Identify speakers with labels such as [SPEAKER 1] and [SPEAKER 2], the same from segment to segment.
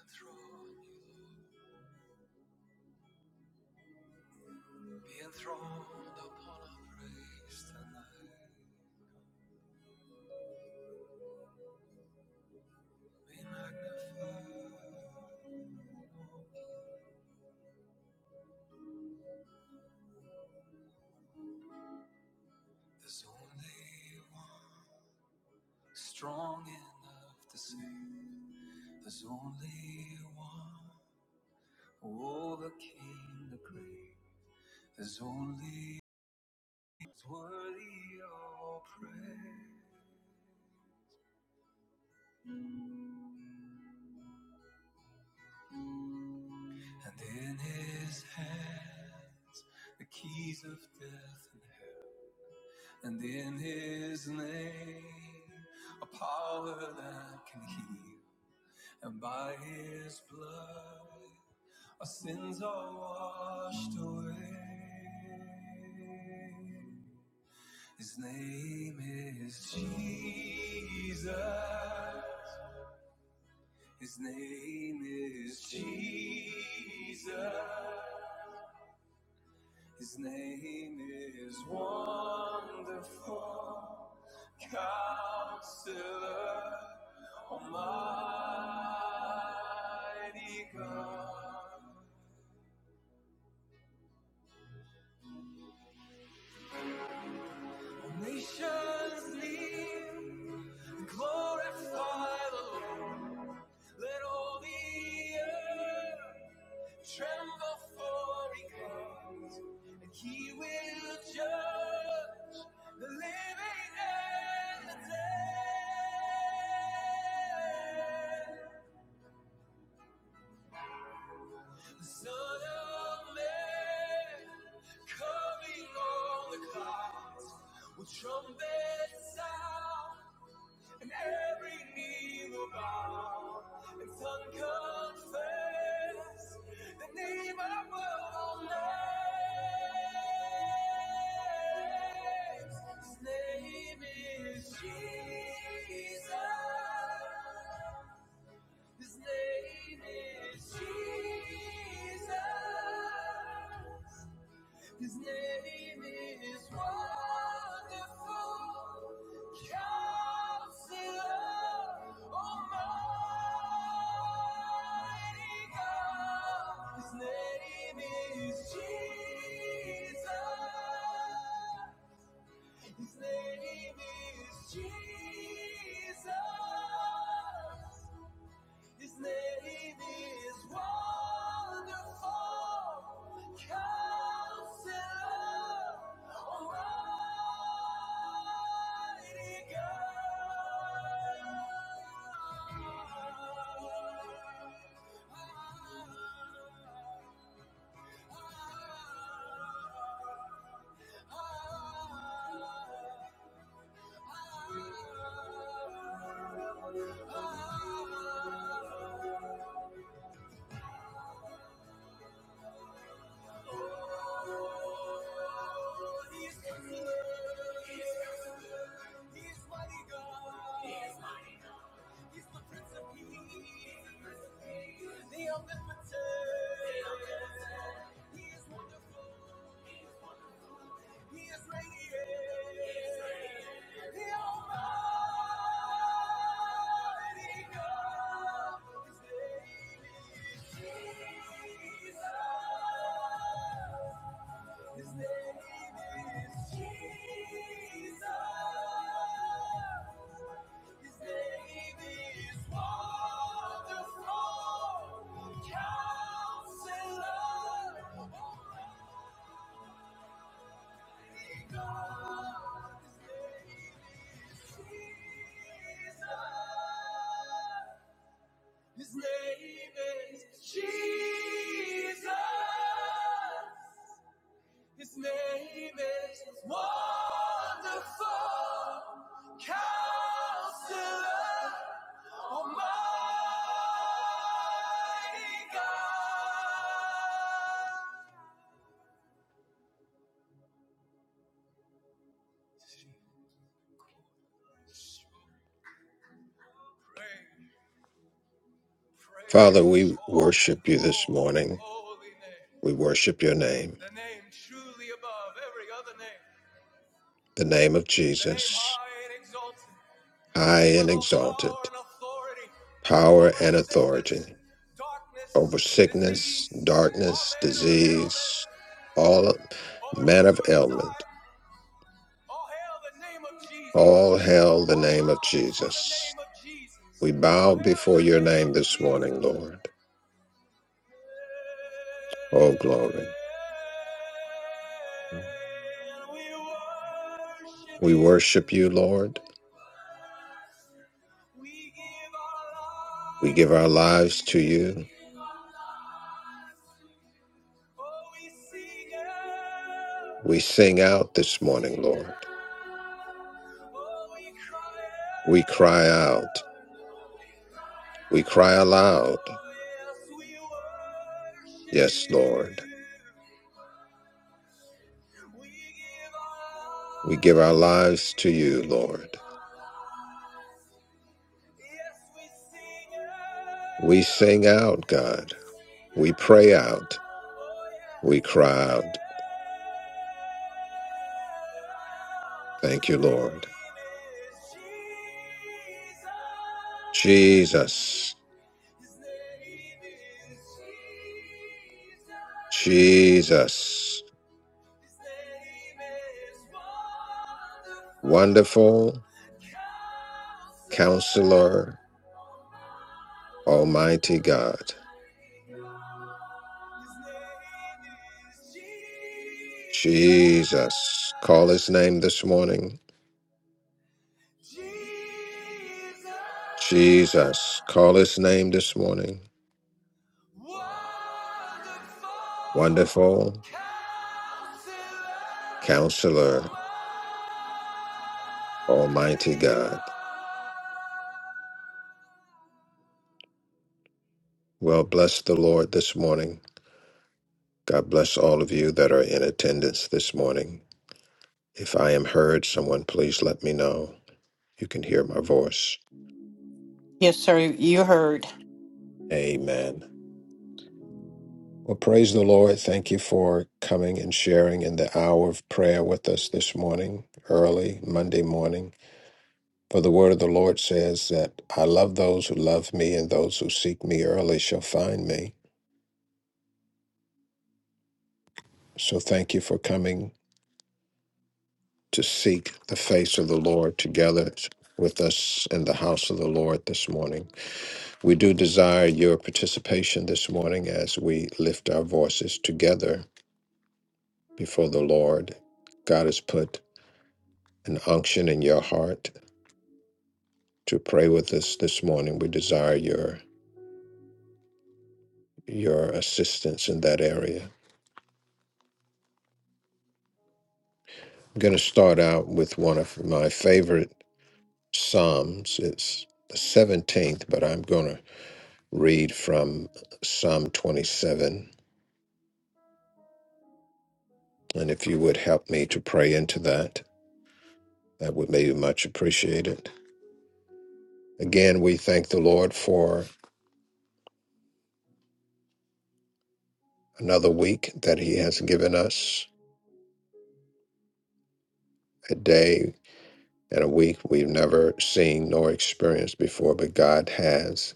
[SPEAKER 1] enthroned, be enthroned upon our praise tonight. Be magnified. There's only one strong enough to save. There's only one who overcame the grave. There's only one's worthy of all praise. And in his hands the keys of death and And in his name, a power that can heal. And by his blood, our sins are washed away. His name is Jesus. His name is Jesus. His name is wonderful. Counselor, Almighty God. All Nations kneel and glorify the Lord. Let all the earth tremble for He comes, and He will judge the living and the dead. Son of man, coming on the clouds, will trumpet sound, and every knee will bow, and tongue confess the name above all names. His name is Jesus. His name is Jesus. His name is wonderful. Counselor, Almighty God. His name is Jesus. His name is Jesus. His name is Wonderful Counselor, Almighty God. Oh, He's good. He's excellent. He's mighty God. He's mighty God. He's the Prince of Peace. the Prince of Peace. The Omnipotent. The Omnipotent. He is wonderful. He is radiant. He is radiant. The Almighty God. His name is Jesus. His name is Jesus. His name is Wonderful Counselor. Holy God. His name is Jesus. His name is Jesus. His name is Wonderful Counselor, Almighty God. Praise,
[SPEAKER 2] Father,
[SPEAKER 1] praise your
[SPEAKER 2] we
[SPEAKER 1] holy,
[SPEAKER 2] worship you this
[SPEAKER 1] holy,
[SPEAKER 2] morning.
[SPEAKER 1] holy name.
[SPEAKER 2] We worship your name,
[SPEAKER 1] The name truly above every other name.
[SPEAKER 2] the name of
[SPEAKER 1] The name
[SPEAKER 2] Jesus,
[SPEAKER 1] high and exalted. The
[SPEAKER 2] high
[SPEAKER 1] name with
[SPEAKER 2] and
[SPEAKER 1] all
[SPEAKER 2] exalted,
[SPEAKER 1] power and authority
[SPEAKER 2] power
[SPEAKER 1] over
[SPEAKER 2] and authority
[SPEAKER 1] sickness, darkness,
[SPEAKER 2] over sickness,
[SPEAKER 1] disease, all
[SPEAKER 2] darkness,
[SPEAKER 1] manner of ailment,
[SPEAKER 2] disease, all
[SPEAKER 1] over
[SPEAKER 2] manner of ailment.
[SPEAKER 1] suicide. All hail the name of Jesus.
[SPEAKER 2] All hail the
[SPEAKER 1] All
[SPEAKER 2] name of
[SPEAKER 1] bow before the name
[SPEAKER 2] Jesus.
[SPEAKER 1] of Jesus.
[SPEAKER 2] We
[SPEAKER 1] All
[SPEAKER 2] bow before
[SPEAKER 1] hail the
[SPEAKER 2] your
[SPEAKER 1] name of
[SPEAKER 2] name this morning,
[SPEAKER 1] Jesus.
[SPEAKER 2] Lord. Oh, glory.
[SPEAKER 1] And we worship
[SPEAKER 2] We
[SPEAKER 1] you.
[SPEAKER 2] worship you, Lord.
[SPEAKER 1] We give our
[SPEAKER 2] We give
[SPEAKER 1] lives
[SPEAKER 2] our
[SPEAKER 1] to
[SPEAKER 2] lives to
[SPEAKER 1] you. We
[SPEAKER 2] you.
[SPEAKER 1] give our lives to you. Oh, we sing out.
[SPEAKER 2] We sing out
[SPEAKER 1] We
[SPEAKER 2] this morning,
[SPEAKER 1] sing
[SPEAKER 2] Lord.
[SPEAKER 1] out. Oh, we cry
[SPEAKER 2] We cry out.
[SPEAKER 1] out. Oh, we cry
[SPEAKER 2] We cry
[SPEAKER 1] out.
[SPEAKER 2] aloud,
[SPEAKER 1] Oh, yes, we worship
[SPEAKER 2] Yes,
[SPEAKER 1] you.
[SPEAKER 2] Lord.
[SPEAKER 1] We give
[SPEAKER 2] We
[SPEAKER 1] our
[SPEAKER 2] give
[SPEAKER 1] lives
[SPEAKER 2] our
[SPEAKER 1] to
[SPEAKER 2] lives
[SPEAKER 1] you.
[SPEAKER 2] to you,
[SPEAKER 1] We
[SPEAKER 2] Lord.
[SPEAKER 1] give our lives to you. Yes, we sing
[SPEAKER 2] We
[SPEAKER 1] out.
[SPEAKER 2] sing out,
[SPEAKER 1] Yes, we
[SPEAKER 2] God.
[SPEAKER 1] sing
[SPEAKER 2] We
[SPEAKER 1] out.
[SPEAKER 2] pray out.
[SPEAKER 1] Oh, yes,
[SPEAKER 2] We
[SPEAKER 1] we
[SPEAKER 2] cry
[SPEAKER 1] cry
[SPEAKER 2] out,
[SPEAKER 1] out.
[SPEAKER 2] Thank you,
[SPEAKER 1] His
[SPEAKER 2] Lord.
[SPEAKER 1] name is Jesus.
[SPEAKER 2] Jesus,
[SPEAKER 1] His name is
[SPEAKER 2] Jesus,
[SPEAKER 1] Jesus. His name is wonderful,
[SPEAKER 2] wonderful
[SPEAKER 1] Counselor,
[SPEAKER 2] counselor, Almighty God.
[SPEAKER 1] Almighty God. His name is Jesus,
[SPEAKER 2] Jesus, call his name this morning.
[SPEAKER 1] Jesus,
[SPEAKER 2] Jesus, call his name this morning.
[SPEAKER 1] wonderful,
[SPEAKER 2] Wonderful
[SPEAKER 1] Counselor. Almighty
[SPEAKER 2] counselor, Almighty
[SPEAKER 1] God.
[SPEAKER 2] God. Well, bless the Lord this morning. God bless all of you that are in attendance this morning. If I am heard, someone please let me know. You can hear my voice.
[SPEAKER 3] Yes, sir. You heard.
[SPEAKER 2] Amen. Well, praise the Lord. Thank you for coming and sharing in the hour of prayer with us this morning, early Monday morning. For the word of the Lord says that I love those who love me, and those who seek me early shall find me. So thank you for coming to seek the face of the Lord together with us in the house of the Lord this morning. We do desire your participation this morning as we lift our voices together before the Lord. God has put an unction in your heart to pray with us this morning. We desire your your assistance in that area. I'm going to start out with one of my favorite psalms. It's the 17th, but I'm going to read from Psalm 27 And if you would help me to pray into that, that would be much appreciated. Again, we thank the Lord for another week that He has given us, a day and a week we've never seen nor experienced before, but God has.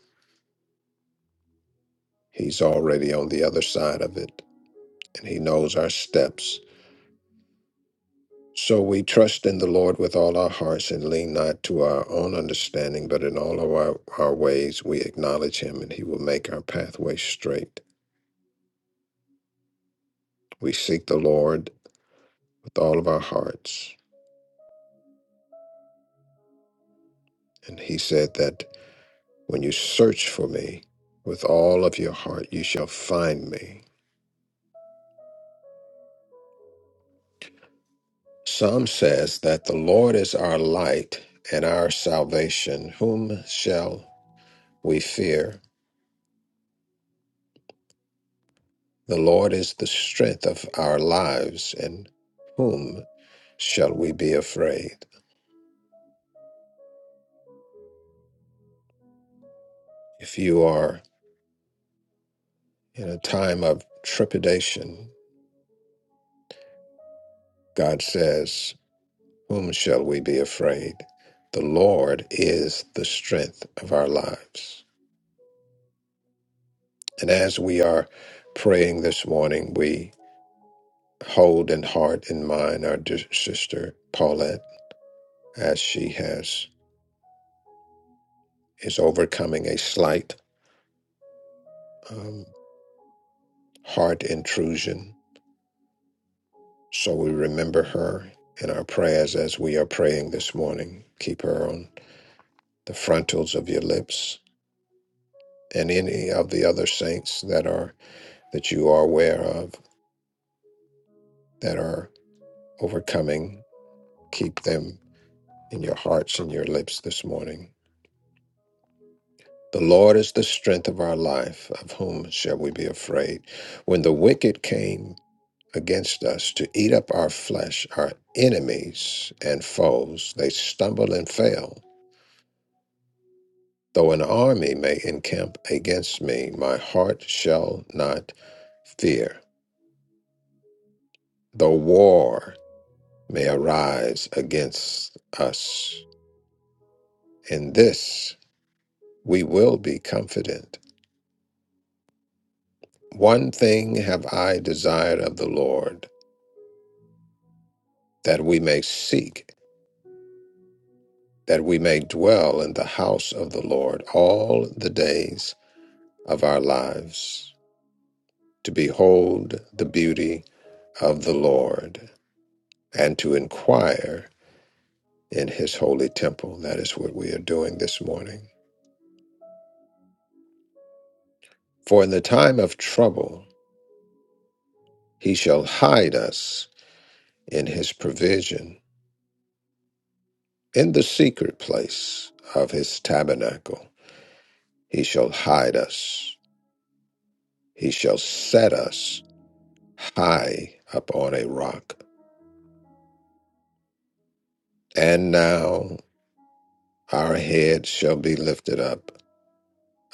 [SPEAKER 2] He's already on the other side of it, and He knows our steps. So we trust in the Lord with all our hearts and lean not to our own understanding, but in all of our, our ways we acknowledge Him, and He will make our pathway straight. We seek the Lord with all of our hearts. And he said that when you search for me with all of your heart, you shall find me. Psalm says that the Lord is our light and our salvation. Whom shall we fear? The Lord is the strength of our lives, and whom shall we be afraid? If you are in a time of trepidation, God says. Whom shall we be afraid? The Lord is the strength of our lives. And as we are praying this morning, we hold in heart and mind our dear sister Paulette as she has is overcoming a slight um, heart intrusion. So we remember her in our prayers as we are praying this morning. Keep her on the frontals of your lips and any of the other saints that are that you are aware of that are overcoming. Keep them in your hearts and your lips this morning. The Lord is the strength of our life. Of whom shall we be afraid? When the wicked came against us to eat up our flesh, our enemies and foes, they stumble and fail. Though an army may encamp against me, my heart shall not fear. Though war may arise against us, in this we will be confident. One thing have I desired of the Lord, that we may seek, that we may dwell in the house of the Lord all the days of our lives, to behold the beauty of the Lord, and to inquire in his holy temple. That is what we are doing this morning. For in the time of trouble, he shall hide us in his provision, in the secret place of his tabernacle. He shall hide us. He shall set us high upon a rock. And now our heads shall be lifted up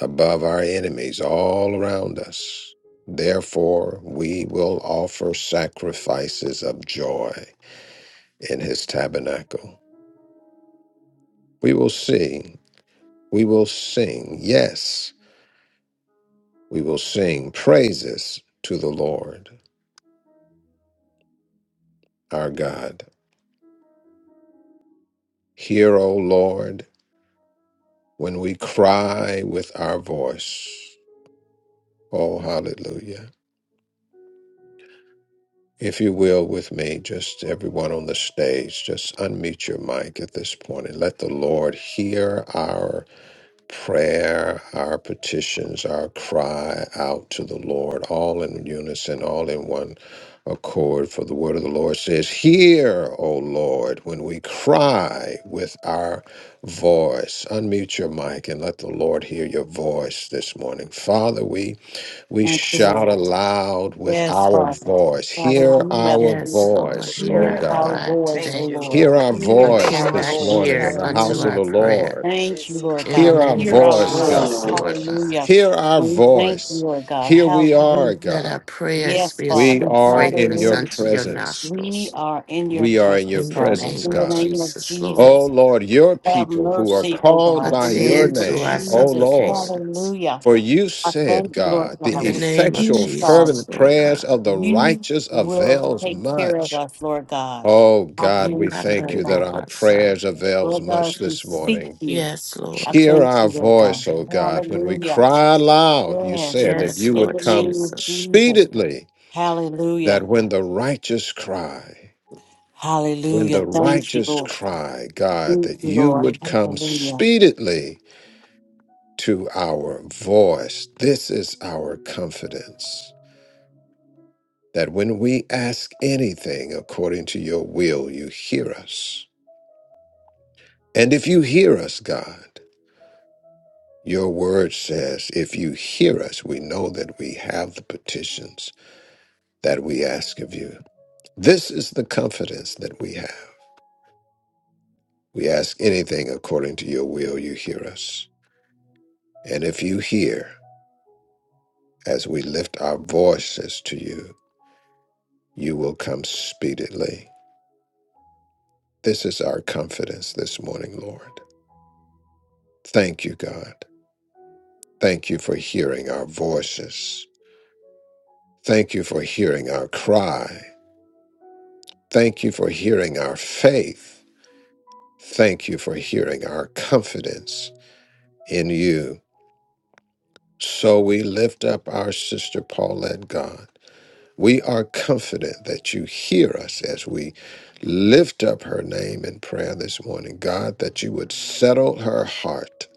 [SPEAKER 2] above our enemies all around us. Therefore, we will offer sacrifices of joy in his tabernacle. We will sing, we will sing, yes, we will sing praises to the Lord our God. Hear, O Lord, when we cry with our voice. Oh, hallelujah. If you will, with me, just everyone on the stage, just unmute your mic at this point and let the Lord hear our prayer, our petitions, our cry out to the Lord, all in unison, all in one accord. For the word of the Lord says, Hear, O Lord, when we cry with our voice. Unmute your mic and let the Lord hear your voice this morning. Father, we We
[SPEAKER 3] Thank you,
[SPEAKER 2] shout
[SPEAKER 3] Lord.
[SPEAKER 2] aloud with
[SPEAKER 3] Yes,
[SPEAKER 2] our
[SPEAKER 3] Father.
[SPEAKER 2] voice. Hear
[SPEAKER 3] Hallelujah.
[SPEAKER 2] our
[SPEAKER 4] Yes, Lord,
[SPEAKER 2] voice,
[SPEAKER 4] hear
[SPEAKER 2] O
[SPEAKER 3] Hear
[SPEAKER 4] our
[SPEAKER 5] Hallelujah.
[SPEAKER 3] our
[SPEAKER 2] God.
[SPEAKER 4] cry
[SPEAKER 3] voice,
[SPEAKER 5] Thank
[SPEAKER 3] O
[SPEAKER 4] today.
[SPEAKER 5] you,
[SPEAKER 3] Lord.
[SPEAKER 2] Hear
[SPEAKER 5] Lord.
[SPEAKER 2] our
[SPEAKER 5] In the
[SPEAKER 3] Hear
[SPEAKER 5] name
[SPEAKER 2] voice
[SPEAKER 3] our
[SPEAKER 4] Attend
[SPEAKER 5] of
[SPEAKER 4] thy
[SPEAKER 2] this
[SPEAKER 3] voice.
[SPEAKER 2] morning in
[SPEAKER 4] ear
[SPEAKER 2] the
[SPEAKER 5] Jesus.
[SPEAKER 4] unto
[SPEAKER 2] house of the
[SPEAKER 3] Hallelujah.
[SPEAKER 4] our prayer.
[SPEAKER 2] Lord.
[SPEAKER 3] Thank you,
[SPEAKER 5] Yes,
[SPEAKER 3] Lord
[SPEAKER 4] In the
[SPEAKER 5] God.
[SPEAKER 2] Hear
[SPEAKER 3] God.
[SPEAKER 2] our
[SPEAKER 4] name
[SPEAKER 3] Hear
[SPEAKER 4] of
[SPEAKER 5] Hallelujah,
[SPEAKER 3] our
[SPEAKER 2] voice, God.
[SPEAKER 3] voice.
[SPEAKER 4] Jesus,
[SPEAKER 5] Lord
[SPEAKER 4] Lord God,
[SPEAKER 3] Hallelujah.
[SPEAKER 5] Jesus.
[SPEAKER 2] Hear our
[SPEAKER 3] And we thank you,
[SPEAKER 2] voice.
[SPEAKER 3] Lord God.
[SPEAKER 2] Here we are,
[SPEAKER 3] Hallelujah.
[SPEAKER 4] let
[SPEAKER 2] God.
[SPEAKER 4] our prayers
[SPEAKER 3] Yes,
[SPEAKER 4] be a
[SPEAKER 2] We
[SPEAKER 3] Father.
[SPEAKER 4] sweet
[SPEAKER 2] are in
[SPEAKER 4] fragrance
[SPEAKER 2] your
[SPEAKER 3] Hallelujah.
[SPEAKER 4] unto your
[SPEAKER 2] presence.
[SPEAKER 3] We
[SPEAKER 4] nostrils.
[SPEAKER 3] are in your
[SPEAKER 2] We are in your
[SPEAKER 3] presence,
[SPEAKER 4] In the
[SPEAKER 3] Father.
[SPEAKER 2] presence,
[SPEAKER 4] name
[SPEAKER 3] In the
[SPEAKER 4] of
[SPEAKER 2] God.
[SPEAKER 3] name of
[SPEAKER 4] Jesus, Lord,
[SPEAKER 2] O
[SPEAKER 3] Jesus.
[SPEAKER 2] Lord, your
[SPEAKER 3] Have
[SPEAKER 2] people who are
[SPEAKER 3] mercy, O
[SPEAKER 2] called
[SPEAKER 3] God.
[SPEAKER 2] by
[SPEAKER 3] In the
[SPEAKER 2] your
[SPEAKER 4] attend
[SPEAKER 3] name of
[SPEAKER 4] to our
[SPEAKER 2] name, O
[SPEAKER 3] Jesus.
[SPEAKER 2] Lord.
[SPEAKER 4] supplications.
[SPEAKER 3] Hallelujah.
[SPEAKER 2] For you
[SPEAKER 3] I
[SPEAKER 2] said,
[SPEAKER 3] thank you, Lord
[SPEAKER 2] God,
[SPEAKER 3] God.
[SPEAKER 4] In
[SPEAKER 2] the
[SPEAKER 4] the
[SPEAKER 3] With
[SPEAKER 4] name of
[SPEAKER 2] effectual,
[SPEAKER 3] you, Father,
[SPEAKER 4] Jesus,
[SPEAKER 2] fervent
[SPEAKER 4] Lord
[SPEAKER 2] prayers
[SPEAKER 4] God.
[SPEAKER 2] of the
[SPEAKER 3] you
[SPEAKER 2] righteous
[SPEAKER 3] will
[SPEAKER 2] avails
[SPEAKER 3] take care of
[SPEAKER 2] much.
[SPEAKER 3] us, Lord God.
[SPEAKER 2] Oh,
[SPEAKER 3] I
[SPEAKER 2] God, we
[SPEAKER 3] thank you,
[SPEAKER 2] thank
[SPEAKER 3] Lord
[SPEAKER 2] you that
[SPEAKER 3] God.
[SPEAKER 2] our prayers avails
[SPEAKER 3] Lord God,
[SPEAKER 2] much
[SPEAKER 3] as we
[SPEAKER 2] this
[SPEAKER 3] seek
[SPEAKER 2] morning.
[SPEAKER 3] you,
[SPEAKER 4] Yes,
[SPEAKER 3] I
[SPEAKER 4] Lord.
[SPEAKER 2] Hear
[SPEAKER 3] thank
[SPEAKER 2] our
[SPEAKER 3] you, Lord God.
[SPEAKER 2] voice, O God, when we
[SPEAKER 3] Hallelujah.
[SPEAKER 2] cry aloud. You
[SPEAKER 3] Yes,
[SPEAKER 2] said that
[SPEAKER 3] Lord.
[SPEAKER 4] Yes,
[SPEAKER 2] you
[SPEAKER 3] In
[SPEAKER 2] would
[SPEAKER 4] Lord
[SPEAKER 3] the
[SPEAKER 2] come
[SPEAKER 3] name of
[SPEAKER 4] Jesus.
[SPEAKER 3] Jesus.
[SPEAKER 2] speedily, that
[SPEAKER 3] Hallelujah.
[SPEAKER 2] when the righteous cry, when
[SPEAKER 3] Hallelujah.
[SPEAKER 2] the
[SPEAKER 3] Thank you,
[SPEAKER 2] righteous
[SPEAKER 3] Lord.
[SPEAKER 2] cry, God,
[SPEAKER 3] Thank
[SPEAKER 2] that
[SPEAKER 3] you,
[SPEAKER 2] you
[SPEAKER 3] Lord.
[SPEAKER 2] would come
[SPEAKER 3] Hallelujah.
[SPEAKER 2] speedily to our voice. This is our confidence that when we ask anything according to your will, you hear us. And if you hear us, God, your word says, if you hear us, we know that we have the petitions that we ask of you. This is the confidence that we have. We ask anything according to your will, you hear us. And if you hear, as we lift our voices to you, you will come speedily. This is our confidence this morning, Lord. Thank you, God. Thank you for hearing our voices. Thank you for hearing our cry. Thank you for hearing our faith. Thank you for hearing our confidence in you. So we lift up our sister Paulette, God. We are confident that you hear us as we lift up her name in prayer this morning. God, that you would settle her heart.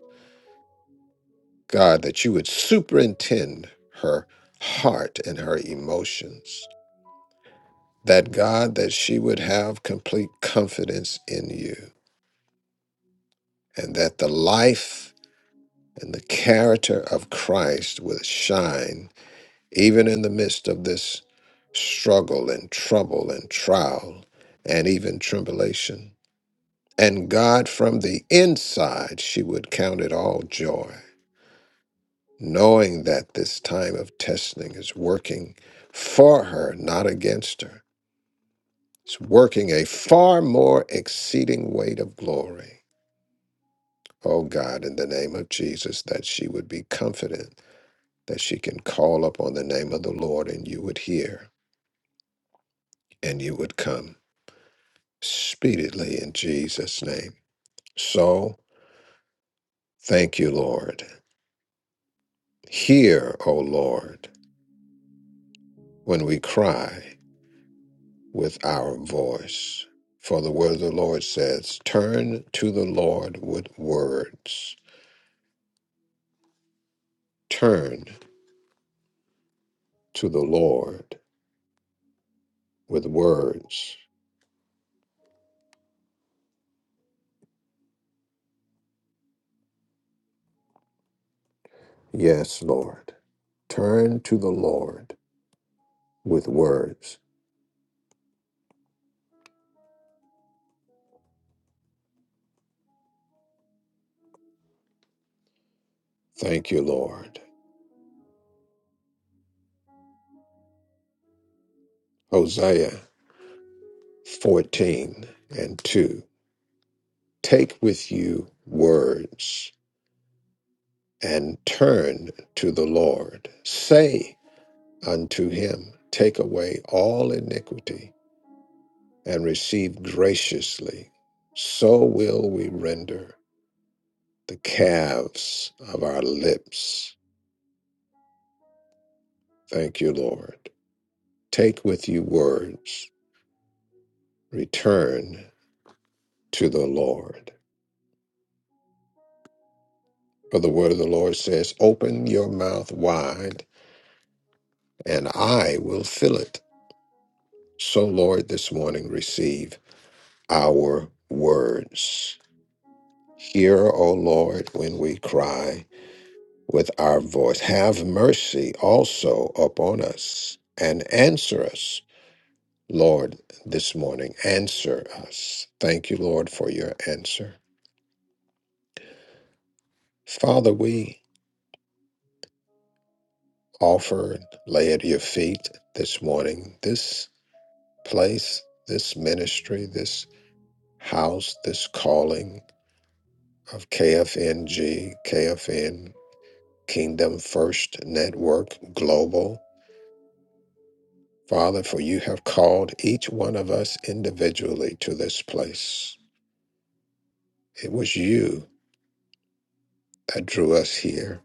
[SPEAKER 2] God, that you would superintend her heart and her emotions. that God, that she would have complete confidence in you, and that the life and the character of Christ would shine even in the midst of this struggle and trouble and trial and even tribulation. And God, from the inside, she would count it all joy, knowing that this time of testing is working for her, not against her. It's working a far more exceeding weight of glory Oh God, in the name of Jesus, that she would be confident that she can call upon the name of the Lord and you would hear and you would come speedily in Jesus' name. So thank you, Lord. Hear, O Lord, when we cry with our voice. For the word of the Lord says, Turn to the Lord with words. Turn to the Lord with words. Yes, Lord. Turn to the Lord with words. Thank you, Lord. Hosea 14 and 2. Take with you words and turn to the Lord. Say unto him, Take away all iniquity and receive graciously. So will we render the calves of our lips. Thank you, Lord. Take with you words. Return to the Lord. For the word of the Lord says, Open your mouth wide, and I will fill it. So, Lord, this morning receive our words. Hear, O Lord, when we cry with our voice. Have mercy also upon us and answer us, Lord, this morning. Answer us. Thank you, Lord, for your answer. Father, we offer, and lay at your feet this morning. This place, this ministry, this house, this calling of KFNG, KFN, Kingdom First Network Global. Father, for you have called each one of us individually to this place. It was you that drew us here.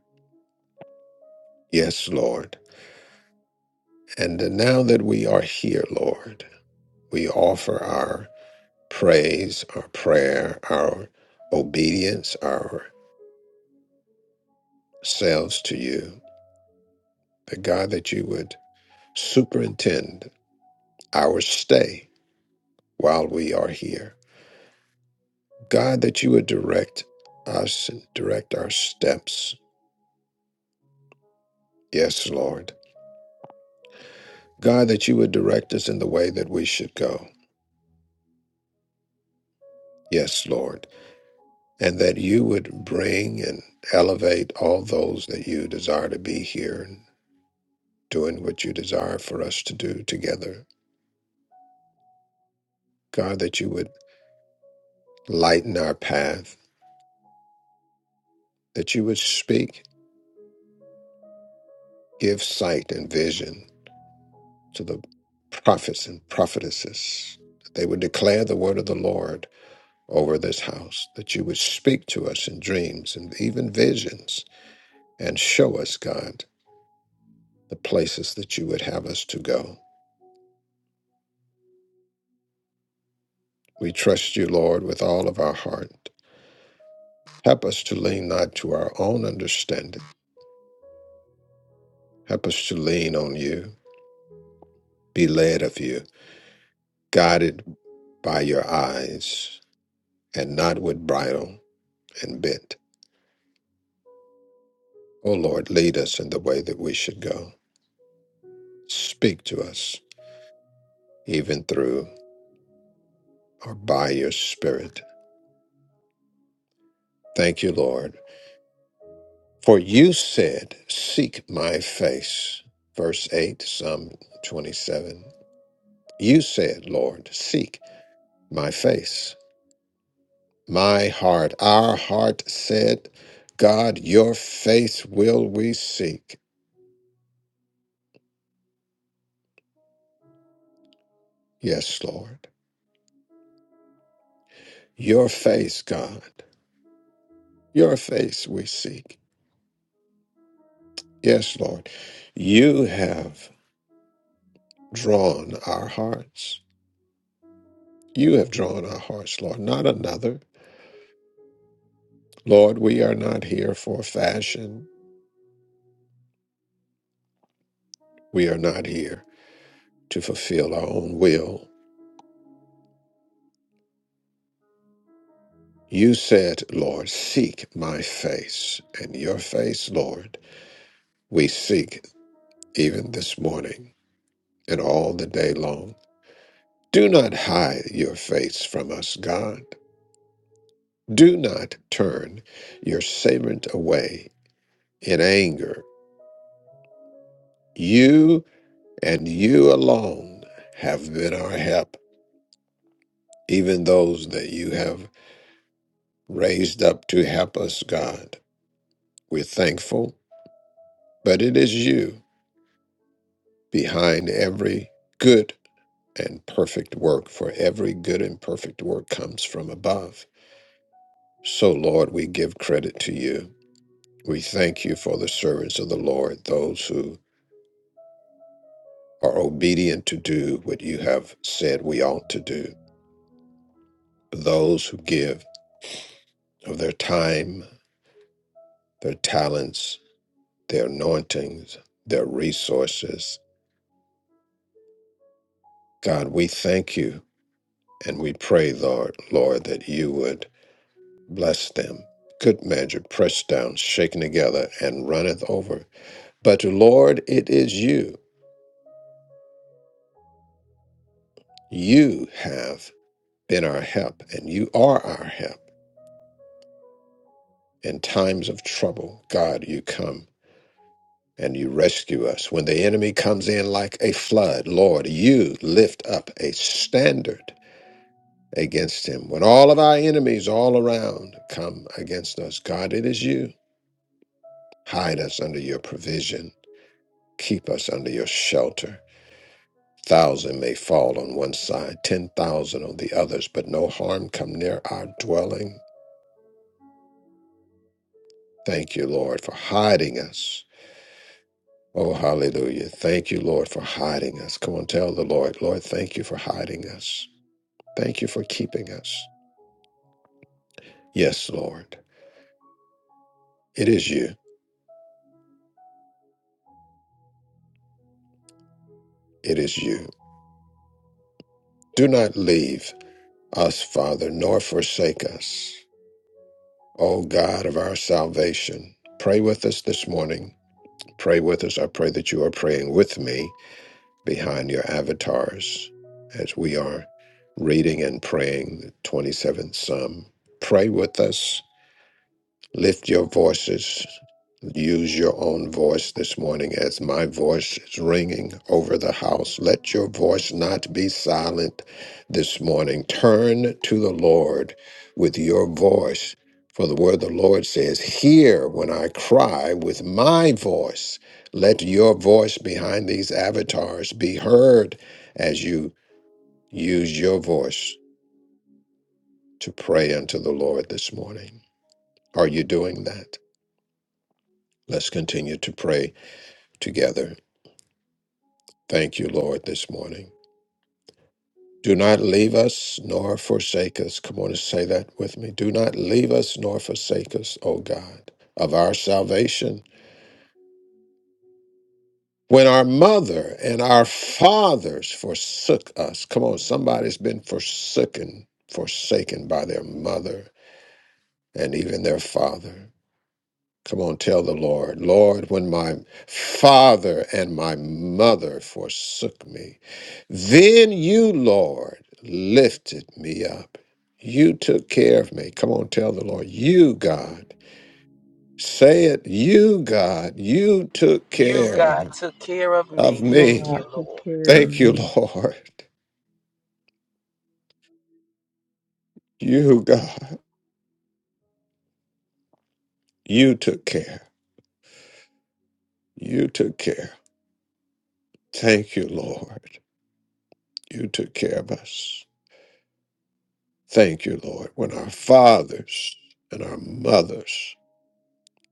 [SPEAKER 2] Yes, Lord. And now that we are here, Lord, we offer our praise, our prayer, our obedience, ourselves to you. That God, that you would superintend our stay while we are here. God, that you would direct us and direct our steps. Yes, Lord. God, that you would direct us in the way that we should go. Yes, Lord. And that you would bring and elevate all those that you desire to be here and doing what you desire for us to do together. God, that you would lighten our path, that you would speak, give sight and vision, to the prophets and prophetesses that they would declare the word of the Lord over this house, that you would speak to us in dreams and even visions and show us, God, the places that you would have us to go. We trust you, Lord, with all of our heart. Help us to lean not to our own understanding. Help us to lean on you, be led of you, guided by your eyes, and not with bridle and bit. O Lord, lead us in the way that we should go. Speak to us, even through or by your Spirit. Thank you, Lord. For you said, Seek my face. Verse 8, Psalm 27. You said, Lord, seek my face. My heart, our heart said, God, your face will we seek. Yes, Lord. Your face, God. Your face we seek. Yes, Lord. You have drawn our hearts. You have drawn our hearts, Lord, not another. Lord, we are not here for fashion. We are not here to fulfill our own will. You said, Lord, seek my face, and your face, Lord, we seek even this morning and all the day long. Do not hide your face from us, God. Do not turn your servant away in anger. You and you alone have been our help. even those that you have raised up to help us, God. We're thankful, but it is you behind every good and perfect work, for every good and perfect work comes from above. So, Lord, we give credit to you. We thank you for the servants of the Lord, those who are obedient to do what you have said we ought to do, those who give of their time, their talents, their anointings, their resources, God, we thank you and we pray, Lord, Lord, that you would bless them. Good measure, pressed down, shaken together, and runneth over. But Lord, it is you. You have been our help, and you are our help. In times of trouble, God, you come and you rescue us. When the enemy comes in like a flood, Lord, you lift up a standard against him. When all of our enemies all around come against us, God, it is you Hide us under your provision. Keep us under your shelter. Thousand may fall on one side, ten thousand on the others, but no harm come near our dwelling. Thank you, Lord, for hiding us. Oh, hallelujah. Thank you, Lord, for hiding us. Come on, tell the Lord, Lord, thank you for hiding us. Thank you for keeping us. Yes, Lord, it is you. It is you. Do not leave us, Father, nor forsake us. O God of our salvation, pray with us this morning. Pray with us. I pray that you are praying with me behind your avatars as we are reading and praying the 27th Psalm. Pray with us. Lift your voices. Use your own voice this morning as my voice is ringing over the house. Let your voice not be silent this morning. Turn to the Lord with your voice. For the word of the Lord says, Hear when I cry with my voice. Let your voice behind these avatars be heard as you use your voice to pray unto the Lord this morning. Are you doing that? Let's continue to pray together. Thank you, Lord, this morning. Do not leave us nor forsake us. Come on and say that with me. Do not leave us nor forsake us, O God, of our salvation. When our mother and our fathers forsook us, come on, somebody's been forsaken, forsaken by their mother and even their father. Come on, tell the Lord, Lord, when my father and my mother forsook me, then you, Lord, lifted me up. You took care of me. Come on, tell the Lord, you, God, say it, you, God, you took
[SPEAKER 5] You,
[SPEAKER 2] care
[SPEAKER 5] God, took care of
[SPEAKER 2] of
[SPEAKER 5] me.
[SPEAKER 6] You,
[SPEAKER 5] Thank
[SPEAKER 2] me.
[SPEAKER 5] you,
[SPEAKER 6] Lord, took
[SPEAKER 5] Lord.
[SPEAKER 6] care of
[SPEAKER 2] Thank you,
[SPEAKER 6] me.
[SPEAKER 2] Lord. You, God, you took care. You took care. Thank you, Lord. You took care of us. Thank you, Lord, when our fathers and our mothers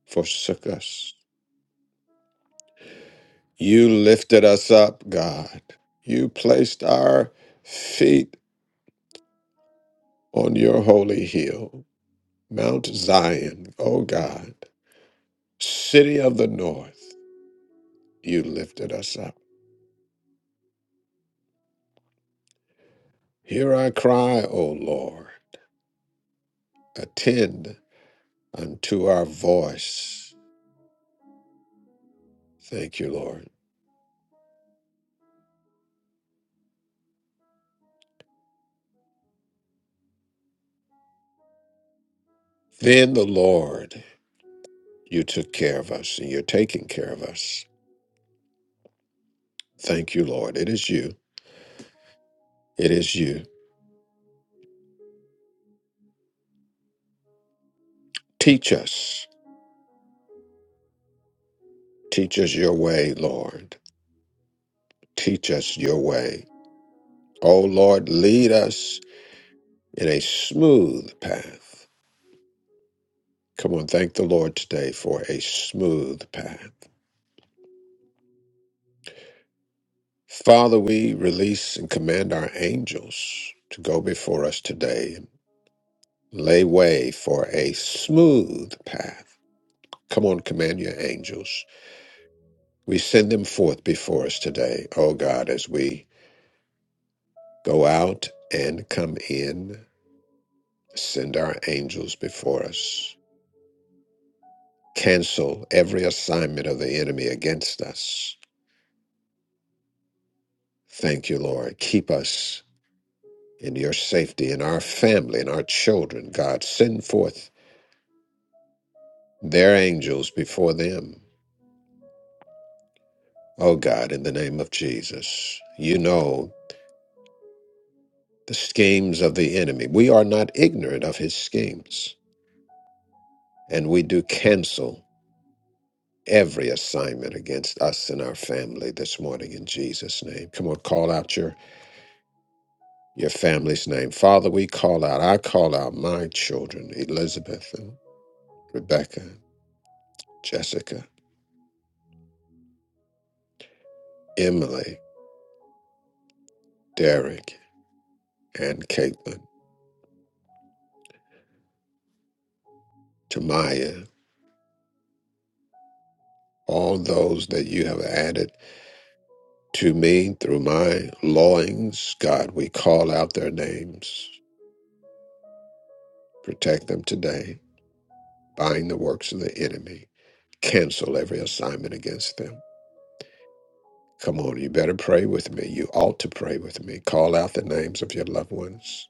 [SPEAKER 2] forsook us. You lifted us up, God. You placed our feet on your holy hill, Mount Zion, O God, city of the north. You lifted us up. Hear our cry, O Lord. Attend unto our voice. Thank you, Lord. Then the Lord, you took care of us, and you're taking care of us. Thank you, Lord. It is you. It is you. Teach us. Teach us your way, Lord. Teach us your way. Oh, Lord, lead us in a smooth path. Come on, thank the Lord today for a smooth path. Father, we release and command our angels to go before us today and lay way for a smooth path. Come on, command your angels. We send them forth before us today, oh God, as we Go out and come in. Send our angels before us. Cancel every assignment of the enemy against us. Thank you, Lord. Keep us in your safety in our family in our children, God. Send forth their angels before them. Oh, God, in the name of Jesus, you know the schemes of the enemy. We are not ignorant of his schemes, and we do cancel. every assignment against us and our family this morning in Jesus' name. Come on, call out your your family's name. Father, we call out, I call out my children, Elizabeth and Rebecca, Jessica, Emily, Derek, and Caitlin, Tamaya, all those that you have added to me through my loins. God, we call out their names. Protect them today. Bind the works of the enemy. Cancel every assignment against them. Come on, you better pray with me. You ought to pray with me. Call out the names of your loved ones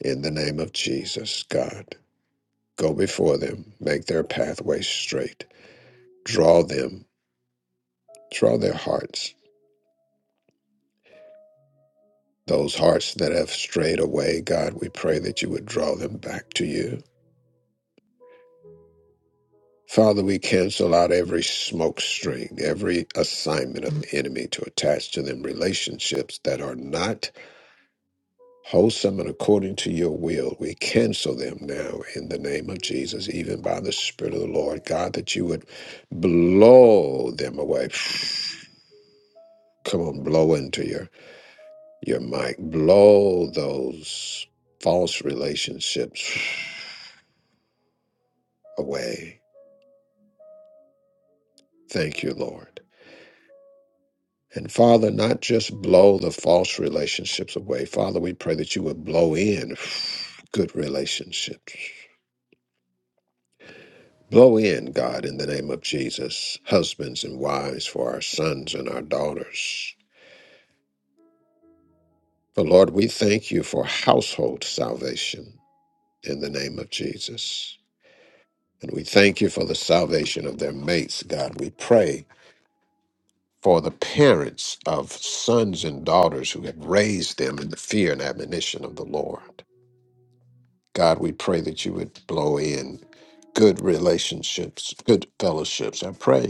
[SPEAKER 2] in the name of Jesus, God. Go before them, make their pathways straight. Draw them, draw their hearts. Those hearts that have strayed away, God, we pray that you would draw them back to you. Father, we cancel out every smoke string, every assignment of the enemy to attach to them relationships that are not wholesome and according to your will. We cancel them now in the name of Jesus, even by the Spirit of the Lord. God, that you would blow them away. Come on, blow into your, your mic. Blow those false relationships away. Thank you, Lord. And Father, not just blow the false relationships away. Father, we pray that you would blow in good relationships. Blow in, God, in the name of Jesus, husbands and wives for our sons and our daughters. For Lord, we thank you for household salvation in the name of Jesus. And we thank you for the salvation of their mates, God. We pray for the parents of sons and daughters who have raised them in the fear and admonition of the Lord. God, we pray that you would blow in good relationships, good fellowships. I pray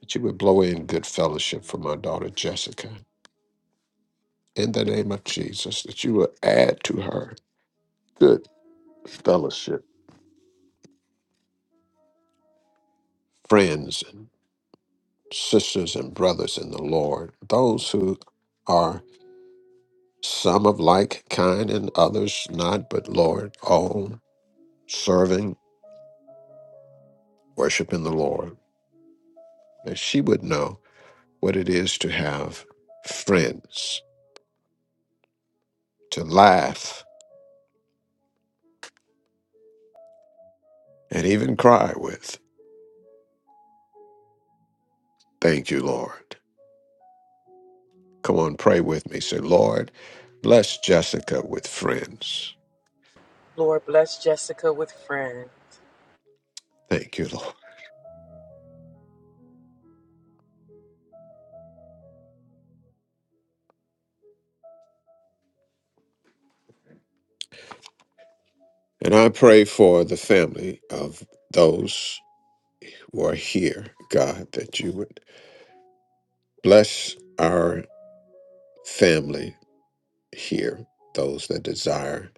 [SPEAKER 2] that you would blow in good fellowship for my daughter Jessica. In the name of Jesus, that you would add to her good fellowship, friends and sisters and brothers in the Lord, those who are some of like kind and others not, but Lord, all serving, worshiping the Lord, that she would know what it is to have friends, to laugh and even cry with. Thank you, Lord. Come on, pray with me. Say, Lord, bless Jessica with friends.
[SPEAKER 5] Lord, bless Jessica with friends.
[SPEAKER 2] Thank you, Lord. And I pray for the family of those who are here, God, that you would bless our family here, those that desire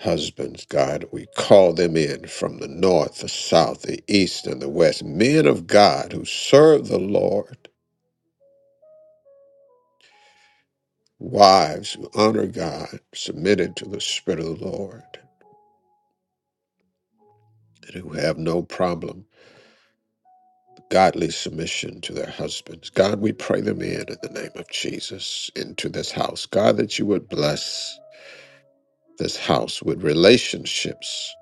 [SPEAKER 2] husbands, God. We call them in from the north, the south, the east, and the west, men of God who serve the Lord. Wives who honor God, submitted to the Spirit of the Lord, and who have no problem godly submission to their husbands. God, we pray them in in the name of Jesus into this house. God, that you would bless this house with relationships,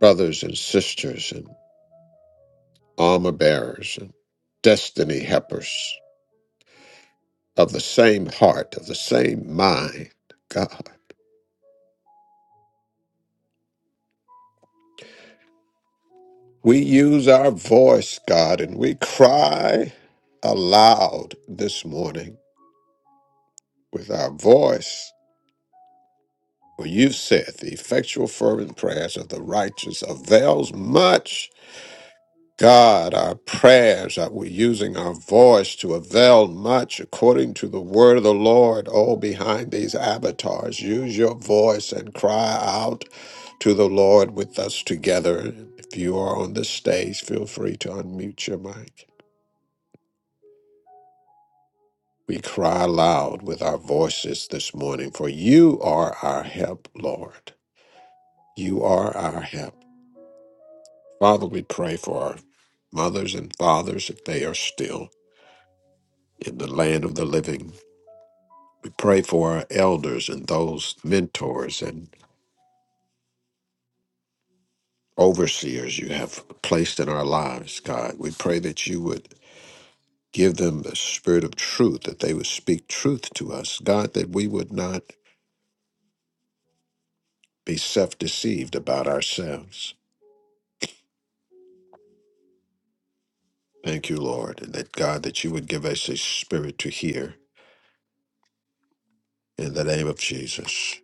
[SPEAKER 2] brothers and sisters, and armor bearers, and destiny helpers of the same heart, of the same mind. God, we use our voice, God, and we cry aloud this morning with our voice For you've said, The effectual, fervent prayers of the righteous avails much. God, our prayers that we're using our voice to avail much according to the word of the Lord. Oh, behind these avatars, use your voice and cry out to the Lord with us together. If you are on the stage, feel free to unmute your mic. We cry aloud with our voices this morning, for you are our help, Lord. You are our help. Father, we pray for our mothers and fathers if they are still in the land of the living. We pray for our elders and those mentors and overseers you have placed in our lives, God. We pray that you would give them the spirit of truth, that they would speak truth to us, God, that we would not be self deceived about ourselves. Thank you, Lord, and that God, that you would give us a spirit to hear in the name of Jesus.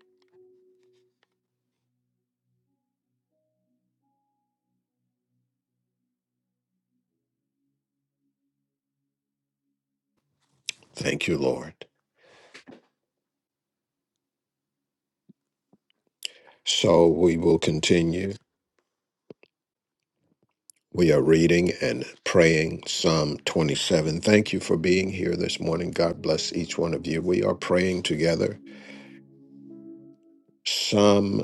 [SPEAKER 2] Thank you, Lord. So we will continue. We are reading and praying Psalm 27. Thank you for being here this morning. God bless each one of you. We are praying together. Psalm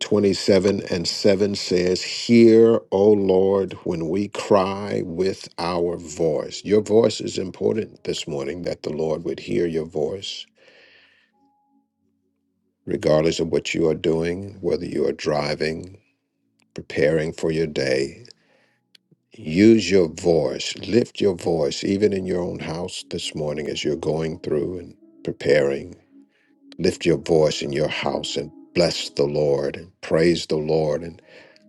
[SPEAKER 2] 27 and 7 says, Hear, O Lord, when we cry with our voice. Your voice is important this morning that the Lord would hear your voice, regardless of what you are doing, whether you are driving, preparing for your day. Use your voice, lift your voice, even in your own house this morning as you're going through and preparing. Lift your voice in your house and bless the Lord and praise the Lord. And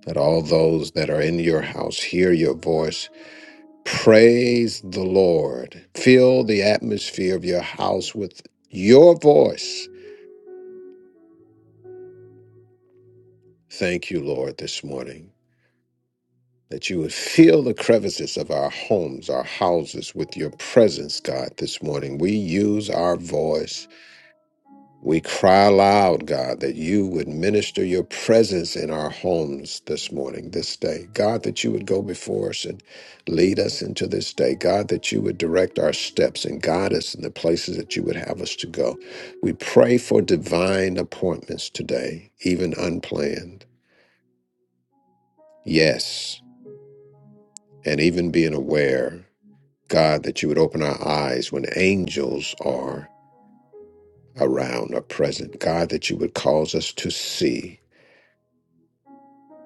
[SPEAKER 2] let all those that are in your house hear your voice. Praise the Lord. Fill the atmosphere of your house with your voice. Thank you, Lord, this morning. that you would fill the crevices of our homes, our houses with your presence, God, this morning. We use our voice. We cry aloud, God, that you would minister your presence in our homes this morning, this day. God, that you would go before us and lead us into this day. God, that you would direct our steps and guide us in the places that you would have us to go. We pray for divine appointments today, even unplanned. Yes, and even being aware God, that you would open our eyes when angels are around or present. God, that you would cause us to see.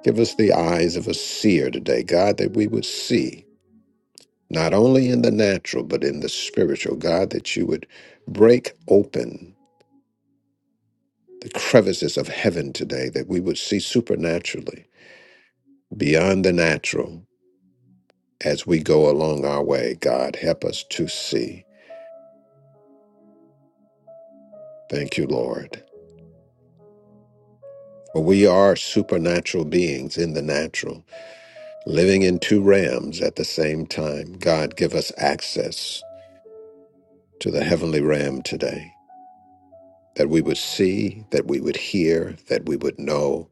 [SPEAKER 2] Give us the eyes of a seer today. God, that we would see, not only in the natural, but in the spiritual. God, that you would break open the crevices of heaven today, that we would see supernaturally, beyond the natural, as we go along our way. God, help us to see. Thank you, Lord. For we are supernatural beings in the natural. living in two rams at the same time. God, give us access to the heavenly ram today, that we would see, that we would hear, that we would know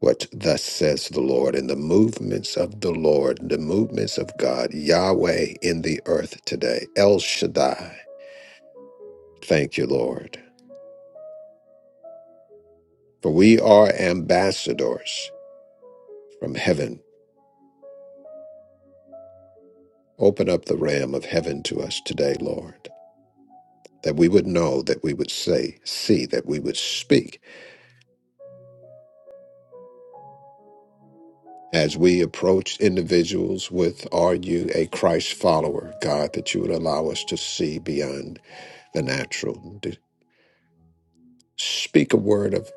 [SPEAKER 2] what thus says the Lord and the movements of the Lord, the movements of God, Yahweh in the earth today. El Shaddai, thank you, Lord. For we are ambassadors from heaven. Open up the ram of heaven to us today, Lord, that we would know, that we would say, see, that we would speak as we approach individuals with are you a christ follower god that you would allow us to see beyond the natural to speak a word of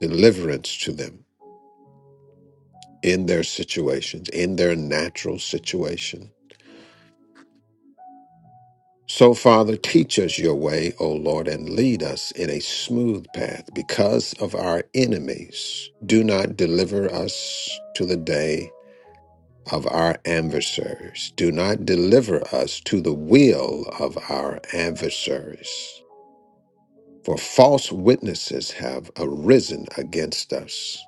[SPEAKER 2] deliverance to them in their situations in their natural situation so father teach us your way o lord and lead us in a smooth path because of our enemies do not deliver us to the day of our adversaries. Do not deliver us to the will of our adversaries, for false witnesses have arisen against us.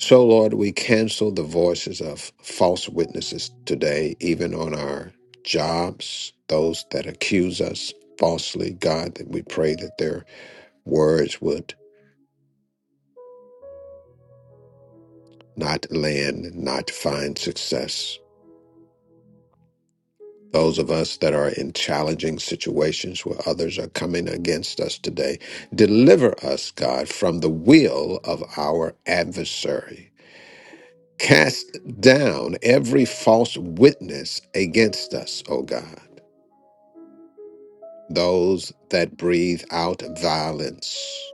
[SPEAKER 2] So, Lord, we cancel the voices of false witnesses today, even on our jobs, those that accuse us falsely. God, that we pray that their words would not land, not find success. Those of us that are in challenging situations where others are coming against us today, deliver us, God, from the will of our adversary. Cast down every false witness against us, O God. Those that breathe out violence.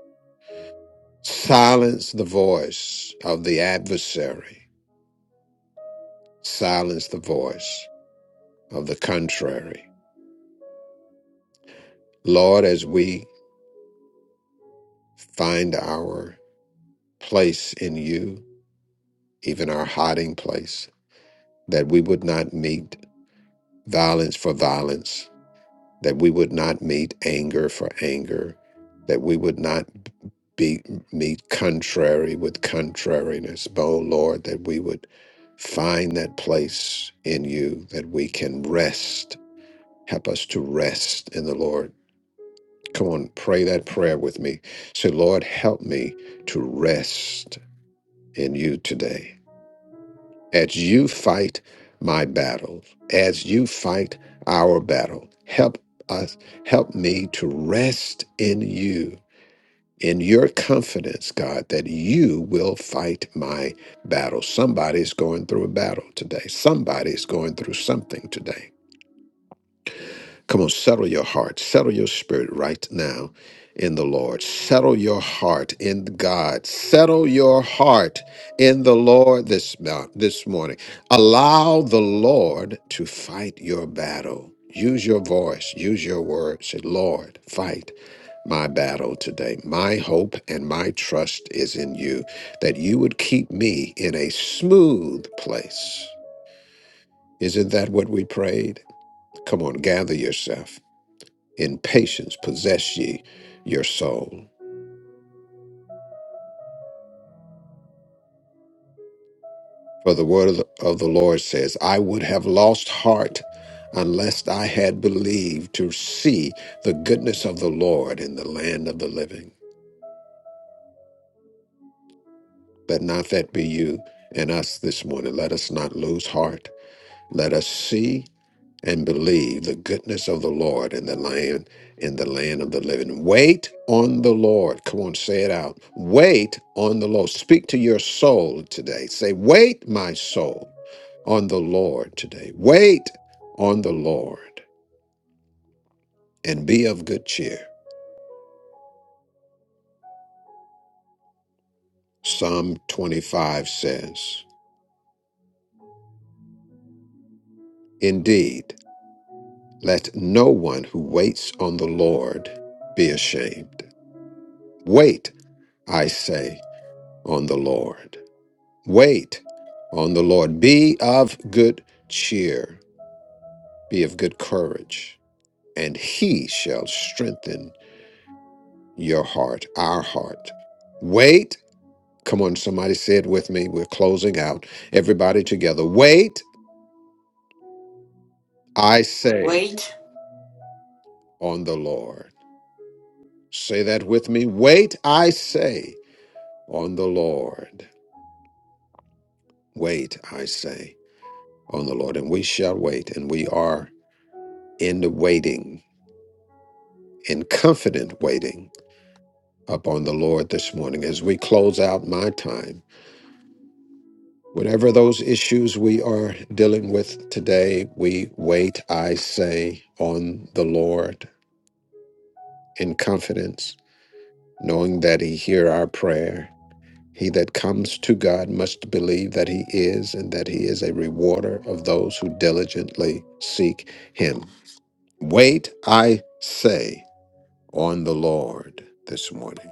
[SPEAKER 2] Silence the voice of the adversary. Silence the voice of the contrary. Lord, as we find our place in you, even our hiding place, that we would not meet violence for violence, that we would not meet anger for anger, that we would not be, meet contrary with contrariness. But, oh Lord, that we would find that place in you that we can rest. Help us to rest in the Lord. Come on, pray that prayer with me. Say, Lord, help me to rest in you today. as you fight my battles, as you fight our battle, help us, help me to rest in you, in your confidence, God, that you will fight my battle. Somebody's going through a battle today. Somebody's going through something today. Come on, settle your heart, settle your spirit right now in the Lord. Settle your heart in God. Settle your heart in the Lord this mo- this morning. Allow the Lord to fight your battle. Use your voice, use your words. Say, Lord, fight my battle today. My hope and my trust is in you that you would keep me in a smooth place. Isn't that what we prayed? Come on, gather yourself in patience possess ye your soul. For the word of the, of the Lord says, I would have lost heart unless I had believed to see the goodness of the Lord in the land of the living. Let not that be you and us this morning. Let us not lose heart. Let us see and believe the goodness of the Lord in the land in the land of the living. Wait on the Lord. Come on, say it out. Wait on the Lord. Speak to your soul today. Say, "Wait, my soul, on the Lord today. Wait on the Lord and be of good cheer." Psalm 25 says, "Indeed, let no one who waits on the Lord be ashamed. Wait, I say, on the Lord." Wait on the Lord. Be of good cheer. Be of good courage, and he shall strengthen your heart, our heart. Wait. Come on, somebody say it with me. We're closing out. Everybody together. Wait, I say,
[SPEAKER 3] Wait.
[SPEAKER 2] on the Lord. Say that with me. Wait, I say, on the Lord. Wait, I say, on the Lord. And we shall wait, and we are in the waiting, in confident waiting upon the Lord this morning as we close out my time. Whatever those issues we are dealing with today, we wait, I say, on the Lord in confidence, knowing that He hear our prayer. He that comes to God must believe that He is and that He is a rewarder of those who diligently seek Him. Wait, I say, on the Lord this morning.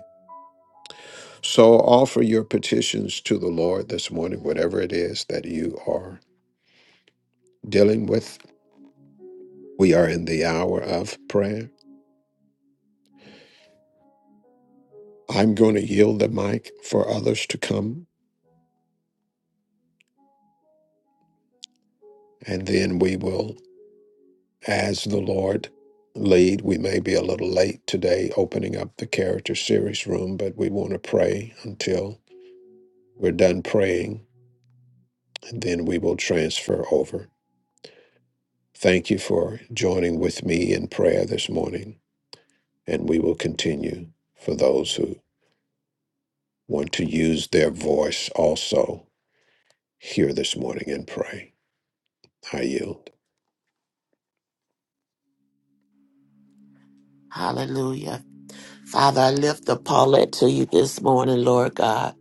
[SPEAKER 2] So offer your petitions to the Lord this morning, whatever it is that you are dealing with. We are in the hour of prayer. I'm going to yield the mic for others to come, and then we will, as the Lord lead. We may be a little late today opening up the character series room, but we want to pray until we're done praying, and then we will transfer over. Thank you for joining with me in prayer this morning, and we will continue for those who want to use their voice also here this morning and pray. I yield.
[SPEAKER 4] Hallelujah. Father, I lift up Paulette to you this morning, Lord God.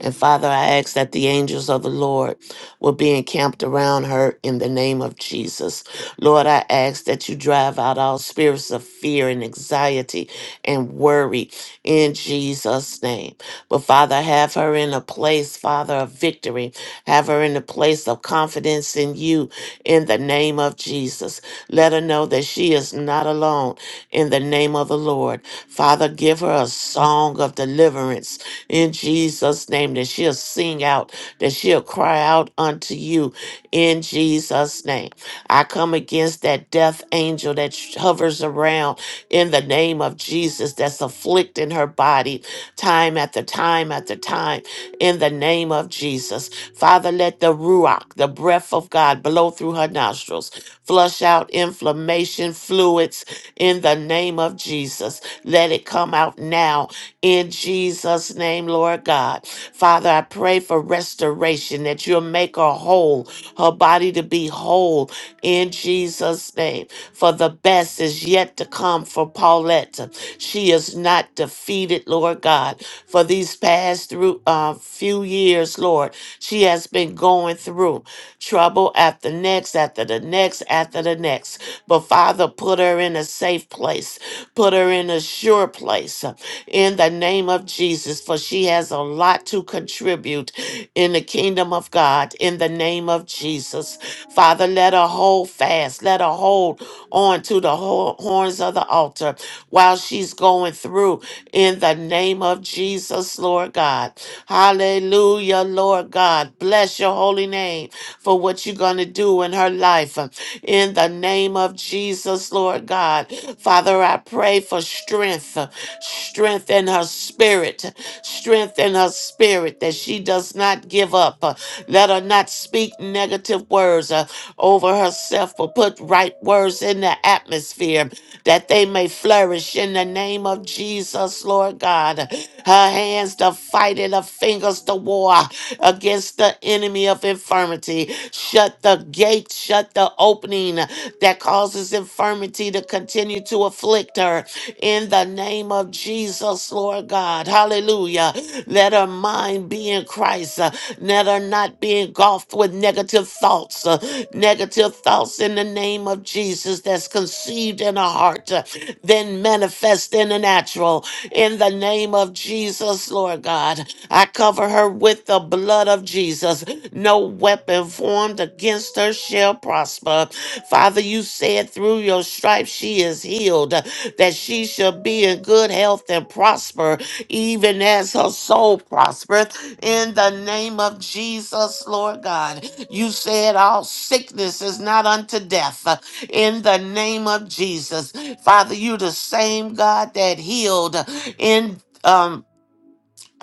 [SPEAKER 4] And Father, I ask that the angels of the Lord will be encamped around her in the name of Jesus. Lord, I ask that you drive out all spirits of fear and anxiety and worry in Jesus' name. But Father, have her in a place, Father, of victory. Have her in a place of confidence in you in the name of Jesus. Let her know that she is not alone in the name of the Lord. Father, give her a song of deliverance in Jesus' name that she'll sing out, that she'll cry out unto you in Jesus' name. I come against that death angel that sh- hovers around in the name of Jesus that's afflicting her body time after time after time in the name of Jesus. Father, let the Ruach, the breath of God, blow through her nostrils, flush out inflammation fluids in the name of Jesus. Let it come out now in Jesus' name, Lord God. Father, I pray for restoration that you'll make her whole, her body to be whole in Jesus' name. For the best is yet to come for Paulette. She is not defeated, Lord God. For these past through uh, few years, Lord, she has been going through trouble after next, after the next, after the next. But Father, put her in a safe place Put her in a sure place uh, in the name of Jesus, for she has a lot to contribute in the kingdom of God in the name of Jesus. Father, let her hold fast, let her hold on to the ho- horns of the altar while she's going through in the name of Jesus, Lord God. Hallelujah, Lord God. Bless your holy name for what you're going to do in her life. uh, in the name of Jesus, Lord God. Father, I pray for strength, strength in her spirit, strength in her spirit that she does not give up. Let her not speak negative words uh, over herself, but put right words in the atmosphere that they may flourish in the name of Jesus, Lord God her hands to fight and her fingers to war against the enemy of infirmity. Shut the gate, shut the opening that causes infirmity to continue to afflict her in the name of Jesus, Lord God. Hallelujah. Let her mind be in Christ. uh, Let her not be engulfed with negative thoughts. uh, Negative thoughts in the name of Jesus that's conceived in her heart, uh, then manifest in the natural. In the name of Jesus, Lord God, I cover her with the blood of Jesus. No weapon formed against her shall prosper. Father, you said through your stripes she is healed that she shall be in good health and prosper, even as her soul prospereth. In the name of Jesus, Lord God, you said all sickness is not unto death. In the name of Jesus, Father, you the same God that healed in um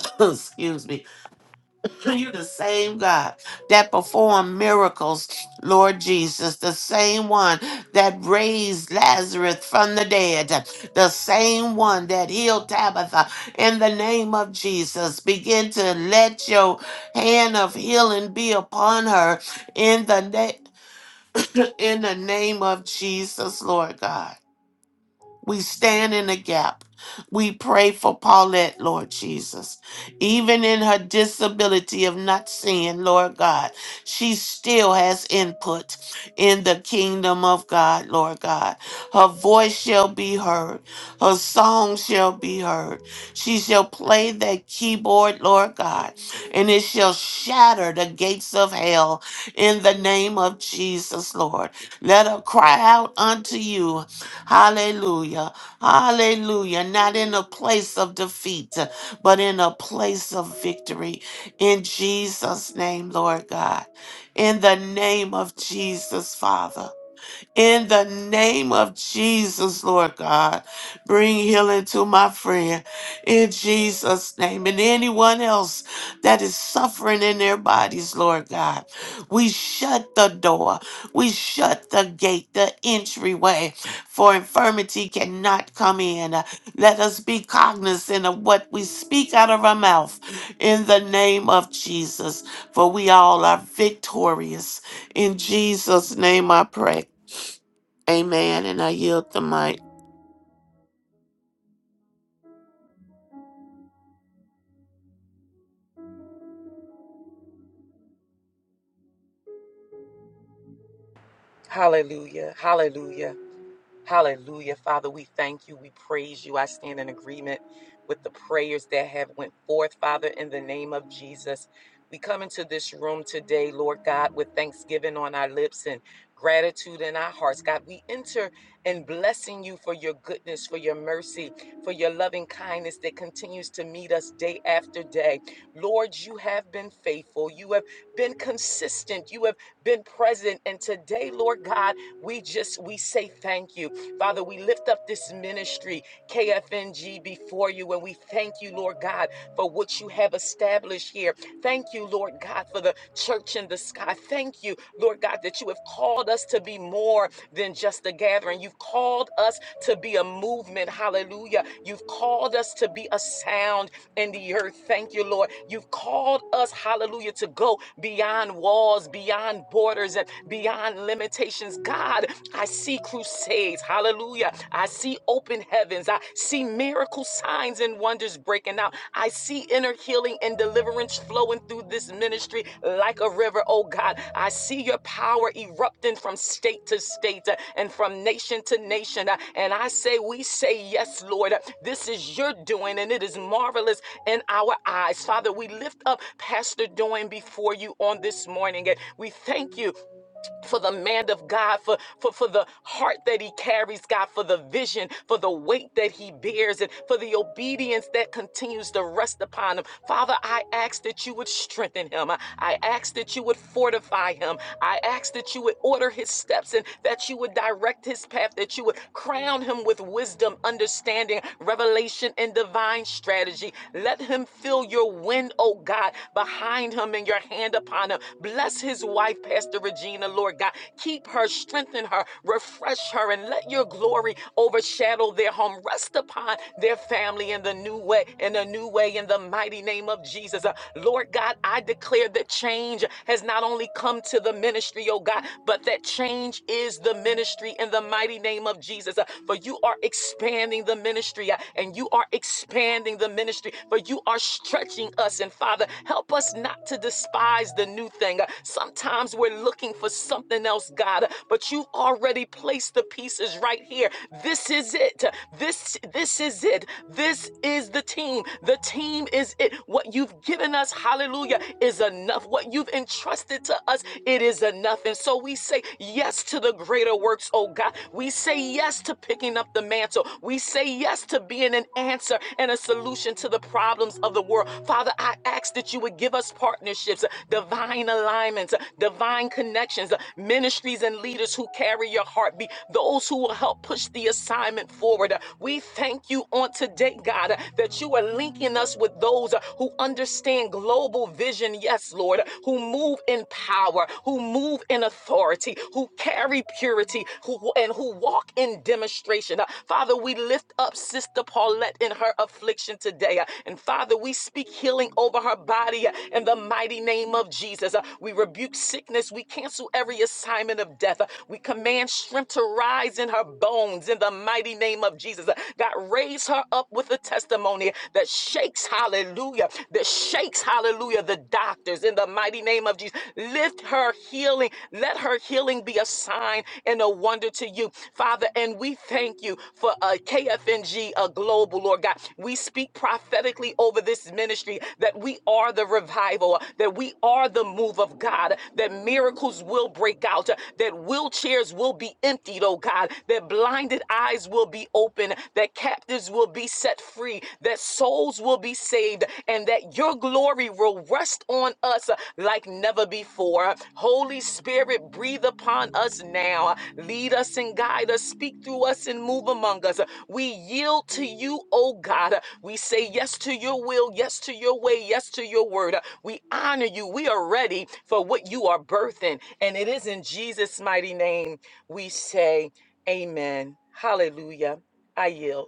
[SPEAKER 4] excuse me you're the same God that performed miracles, Lord Jesus, the same one that raised Lazarus from the dead, the same one that healed Tabitha. In the name of Jesus, begin to let your hand of healing be upon her in the name. In the name of Jesus, Lord God. We stand in the gap. We pray for Paulette, Lord Jesus. Even in her disability of not seeing, Lord God, she still has input in the kingdom of God, Lord God. Her voice shall be heard. Her song shall be heard. She shall play that keyboard, Lord God, and it shall shatter the gates of hell in the name of Jesus, Lord. Let her cry out unto you Hallelujah. Hallelujah. Not in a place of defeat, but in a place of victory. In Jesus' name, Lord God. In the name of Jesus, Father. In the name of Jesus, Lord God, bring healing to my friend in Jesus' name. And anyone else that is suffering in their bodies, Lord God, we shut the door, we shut the gate, the entryway, for infirmity cannot come in. Let us be cognizant of what we speak out of our mouth in the name of Jesus, for we all are victorious. In Jesus' name I pray. Amen. And I yield the mic.
[SPEAKER 5] Hallelujah. Hallelujah. Hallelujah. Father, we thank you. We praise you. I stand in agreement with the prayers that have went forth, Father, in the name of Jesus. We come into this room today, Lord God, with thanksgiving on our lips and gratitude in our hearts. God, we enter in blessing you for your goodness, for your mercy, for your loving kindness that continues to meet us day after day. Lord, you have been faithful. You have been consistent. You have been present. And today, Lord God, we just we say thank you. Father, we lift up this ministry, KFNG, before you, and we thank you, Lord God, for what you have established here Thank you, Lord God, for the church in the sky. Thank you, Lord God, that you have called us to be more than just a gathering. You've called us to be a movement. Hallelujah. You've called us to be a sound in the earth. Thank you, Lord. You've called us, hallelujah, to go beyond walls, beyond borders, and beyond limitations. God, I see crusades. Hallelujah. I see open heaven heavens. I see miracle signs and wonders breaking out. I see inner healing and deliverance flowing through this ministry like a river, oh God. I see your power erupting from state to state uh, and from nation to nation. uh, And I say, we say, yes, Lord, uh, this is your doing and it is marvelous in our eyes. Father, we lift up Pastor Doyne before you on this morning. And we thank you for the man of God, for, for, for the heart that he carries, God, for the vision, for the weight that he bears, and for the obedience that continues to rest upon him. Father, I ask that you would strengthen him. I, I ask that you would fortify him. I ask that you would order his steps and that you would direct his path, that you would crown him with wisdom, understanding, revelation, and divine strategy. Let him feel your wind, oh God, by behind him and your hand upon him. Bless his wife, Pastor Regina, Lord God. Keep her, strengthen her, refresh her, and let your glory overshadow their home. Rest upon their family in the new way, in a new way, in the mighty name of Jesus. Uh, Lord God, I declare that change has not only come to the ministry, oh God, but that change is the ministry in the mighty name of Jesus. Uh, For you are expanding the ministry uh, and you are are expanding the ministry, for you are stretching us. And Father, help us not to despise the new thing. Uh, Sometimes we're looking for something else, God, uh, but you've already placed the pieces right here. This is it. This this is it. This is the team. The team is it. What you've given us, hallelujah, is enough. What you've entrusted to us, it is enough. And so we say yes to the greater works, oh God. We say yes to picking up the mantle. We say yes to being an answer and a solution to the problems of the world. Father, I ask that you would give us partnerships, uh, divine alignments, uh, divine connections, uh, ministries and leaders who carry your heartbeat, those who will help push the assignment forward. Uh, We thank you on today, God, uh, that you are linking us with those uh, who understand global vision, yes, Lord, uh, who move in power, power, who move in authority, who carry purity, who and who walk in demonstration. Uh, Father, we lift up Sister Paulette in her affliction today. uh, And Father, we speak healing over her body uh, in the mighty name of Jesus. Uh, We rebuke sickness. We cancel every assignment of death. Uh, We command strength to rise in her bones in the mighty name of Jesus. Uh, God, raise her up with a testimony that shakes, hallelujah, that shakes, hallelujah, the doctors in the mighty name of Jesus. Lift her healing. Let her healing be a sign and a wonder to you, Father. And we thank you for uh, KFNG uh, Global, Lord God. We speak prophetically over this ministry that we are the revival, that we are the move of God, that miracles will break out, that wheelchairs will be emptied, oh God, that blinded eyes will be open, that that captives will be set free, that souls will be saved, and that your glory will rest on us like never before. Holy Spirit, breathe upon us now. Lead us and guide us. Speak through us and move among us. We yield to you, O God. We say yes to your will, yes to your way, yes to your word. We honor you. We are ready for what you are birthing. And it is in Jesus' mighty name we say, Amen. Hallelujah. I yield.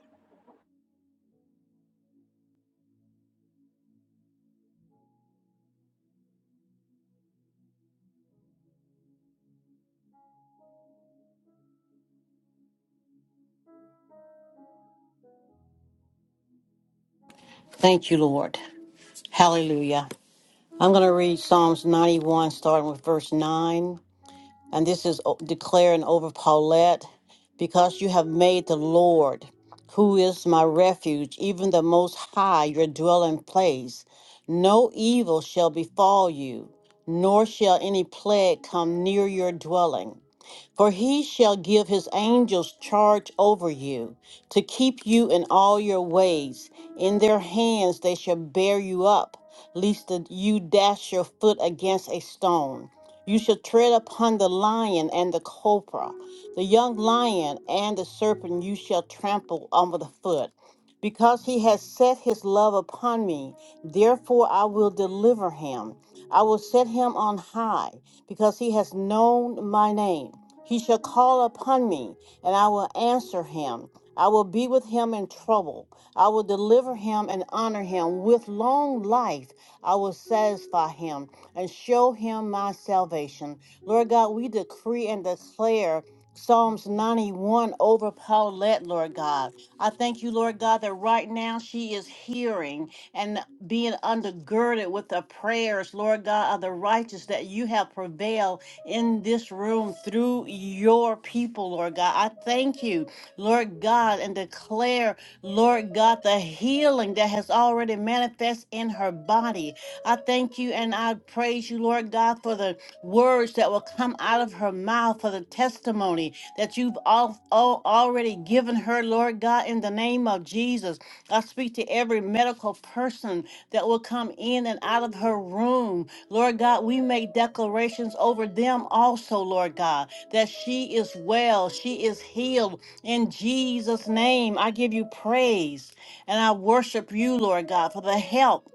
[SPEAKER 3] Thank you, Lord. Hallelujah. I'm going to read Psalms 91, starting with verse 9. and this is o- declaring over Paulette, because you have made the Lord, who is my refuge, even the Most High, your dwelling place. No evil shall befall you, nor shall any plague come near your dwelling. For he shall give his angels charge over you, to keep you in all your ways. In their hands they shall bear you up, lest that you dash your foot against a stone. You shall tread upon the lion and the cobra, the young lion and the serpent you shall trample under the foot. Because he has set his love upon me, therefore I will deliver him. I will set him on high, because he has known my name. He shall call upon me, and I will answer him. I will be with him in trouble. I will deliver him and honor him. With long life, I will satisfy him and show him my salvation. Lord God, we decree and declare Psalms 91 over Paulette, Lord God. I thank you, Lord God, that right now she is hearing and being undergirded with the prayers, Lord God, of the righteous that you have prevailed in this room through your people, Lord God. I thank you, Lord God, and declare, Lord God, the healing that has already manifest in her body. I thank you and I praise you, Lord God, for the words that will come out of her mouth, for the testimony that you've all, all already given her, Lord God, in the name of Jesus. I speak to every medical person that will come in and out of her room. Lord God, we make declarations over them also, Lord God, that she is well, she is healed. In Jesus' name, I give you praise and I worship you, Lord God, for the help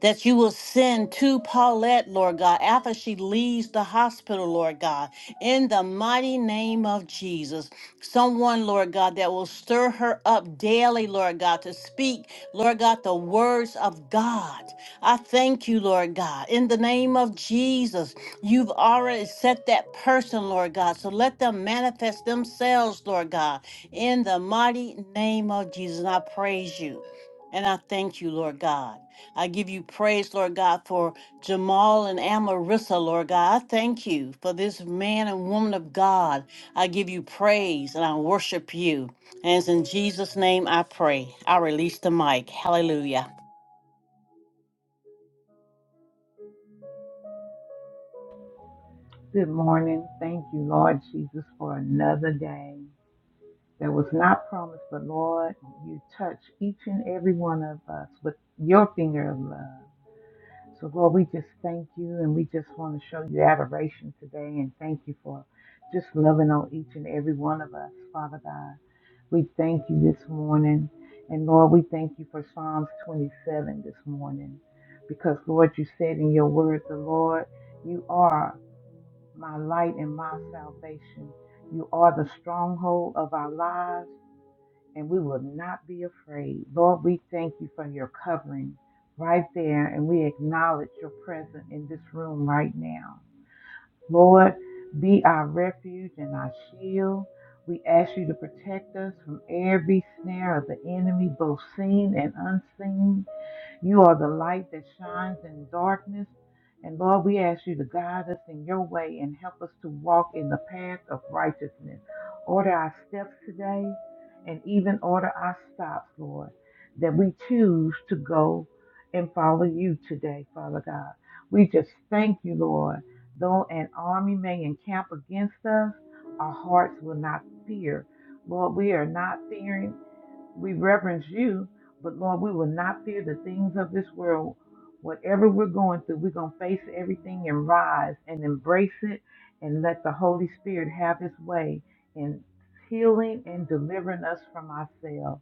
[SPEAKER 3] that you will send to Paulette, Lord God, after she leaves the hospital, Lord God, in the mighty name of Jesus. Someone, Lord God, that will stir her up daily, Lord God, to speak, Lord God, the words of God. I thank you, Lord God, in the name of Jesus. You've already set that person, Lord God, so let them manifest themselves, Lord God, in the mighty name of Jesus. And I praise you and I thank you, Lord God. I give you praise, Lord God, for Jamal and Amarissa, Lord God. I thank you for this man and woman of God. I give you praise and I worship you. And it's in Jesus' name I pray. I release the mic. Hallelujah.
[SPEAKER 6] Good morning. Thank you, Lord Jesus, for another day that was not promised, but Lord, you touch each and every one of us with your finger of love. So, Lord, we just thank you and we just want to show you adoration today and thank you for just loving on each and every one of us, Father God. We thank you this morning. And Lord, we thank you for Psalms 27 this morning because, Lord, you said in your word, the Lord, you are my light and my salvation. You are the stronghold of our lives and we will not be afraid. Lord, we thank you for your covering right there, and we acknowledge your presence in this room right now. Lord, be our refuge and our shield. We ask you to protect us from every snare of the enemy, both seen and unseen. You are the light that shines in darkness. And Lord, we ask you to guide us in your way and help us to walk in the path of righteousness. Order our steps today and even order our stops, Lord, that we choose to go and follow you today, Father God. We just thank you, Lord. Though an army may encamp against us, our hearts will not fear. Lord, we are not fearing we reverence you, but Lord, we will not fear the things of this world. Whatever we're going through, we're going to face everything and rise and embrace it and let the Holy Spirit have his way in healing and delivering us from ourselves.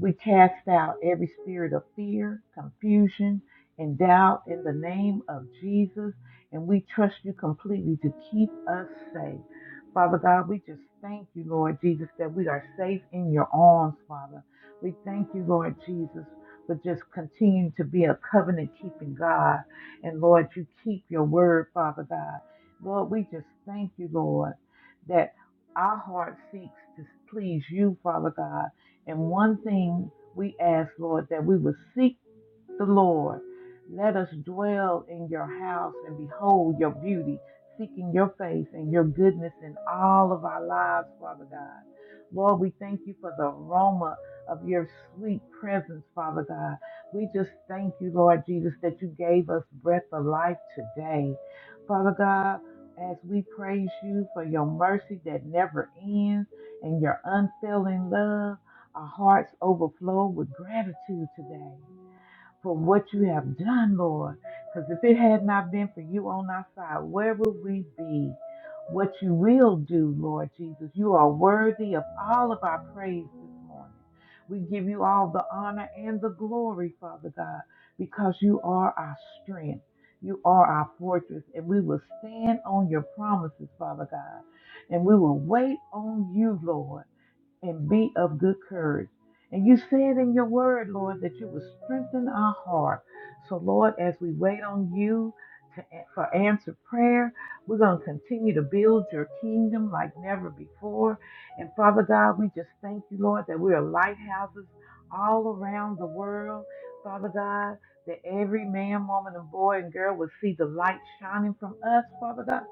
[SPEAKER 6] We cast out every spirit of fear, confusion, and doubt in the name of Jesus, and we trust you completely to keep us safe. Father God, we just thank you, Lord Jesus, that we are safe in your arms, Father. We thank you, Lord Jesus, for just continuing to be a covenant keeping God. And Lord, you keep your word, Father God. Lord, we just thank you, Lord, that our heart seeks to please you, Father God and one thing we ask, Lord, that we would seek the Lord. Let us dwell in your house and behold your beauty, seeking your face and your goodness in all of our lives, Father God. Lord, we thank you for the aroma of your sweet presence, Father God. We just thank you, Lord Jesus, that you gave us breath of life today. Father God, as we praise you for your mercy that never ends and your unfailing love, our hearts overflow with gratitude today for what you have done, Lord. Because if it had not been for you on our side, where would we be? What you will do, Lord Jesus. You are worthy of all of our praise this morning. We give you all the honor and the glory, Father God, because you are our strength. You are our fortress, and we will stand on your promises, Father God, and we will wait on you, Lord and be of good courage. And you said in your word, Lord, that you would strengthen our heart. So, Lord, as we wait on you to, for answered prayer, we're going to continue to build your kingdom like never before. And Father God, we just thank you, Lord, that we are lighthouses all around the world. Father God, that every man, woman, and boy and girl will see the light shining from us, Father God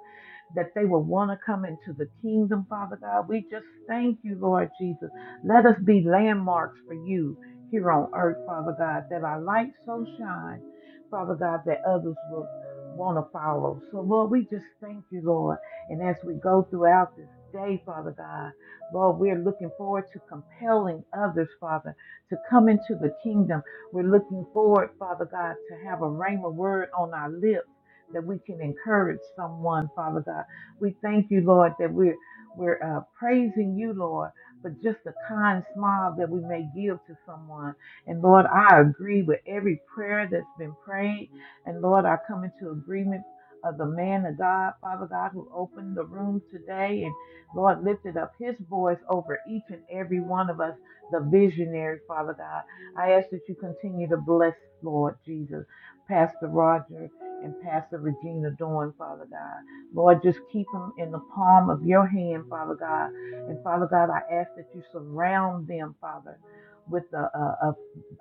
[SPEAKER 6] that they will want to come into the kingdom, Father God. We just thank you, Lord Jesus. Let us be landmarks for you here on earth, Father God, that our light so shine, Father God, that others will want to follow. So, Lord, we just thank you, Lord. And as we go throughout this day, Father God, Lord, we're looking forward to compelling others, Father, to come into the kingdom. We're looking forward, Father God, to have a rhema word on our lips that we can encourage someone, Father God. We thank you, Lord, that we're we're uh, praising you, Lord, for just the kind smile that we may give to someone. And Lord, I agree with every prayer that's been prayed. And Lord, I come into agreement of the man of God, Father God, who opened the room today and Lord lifted up his voice over each and every one of us, the visionary, Father God. I ask that you continue to bless, Lord Jesus, Pastor Roger and Pastor Regina Dawn, Father God. Lord, just keep them in the palm of your hand, Father God. And Father God, I ask that you surround them, Father, with a, a,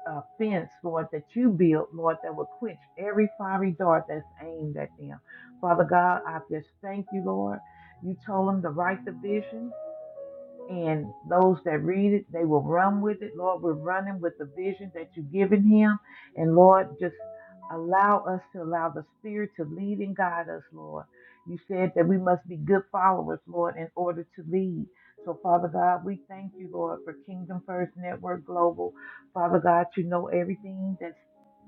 [SPEAKER 6] a, a fence, Lord, that you built, Lord, that will quench every fiery dart that's aimed at them. Father God, I just thank you, Lord. You told them to write the vision and those that read it, they will run with it. Lord, we're running with the vision that you've given him. And Lord, just allow us to allow the Spirit to lead and guide us, Lord. You said that we must be good followers, Lord, in order to lead. So, Father God, we thank you, Lord, for Kingdom First Network Global. Father God, you know everything that's,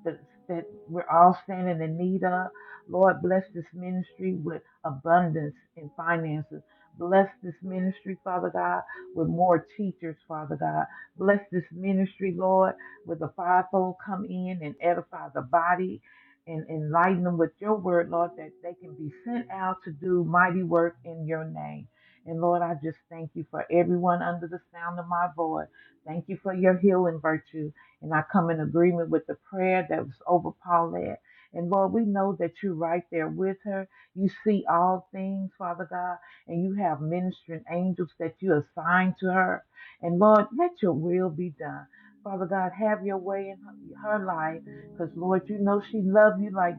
[SPEAKER 6] that's that we're all standing in need of. Lord, bless this ministry with abundance in finances. Bless this ministry, Father God with more teachers, Father God. Bless this ministry, Lord, with the fivefold come in and edify the body and enlighten them with your word, Lord, that they can be sent out to do mighty work in your name. And Lord, I just thank you for everyone under the sound of my voice. Thank you for your healing virtue. And I come in agreement with the prayer that was over Paulette. And Lord, we know that you're right there with her. You see all things, Father God and you have ministering angels that you assign to her. And Lord, let your will be done. Father God, have your way in her, her life because, Lord, you know she loves you like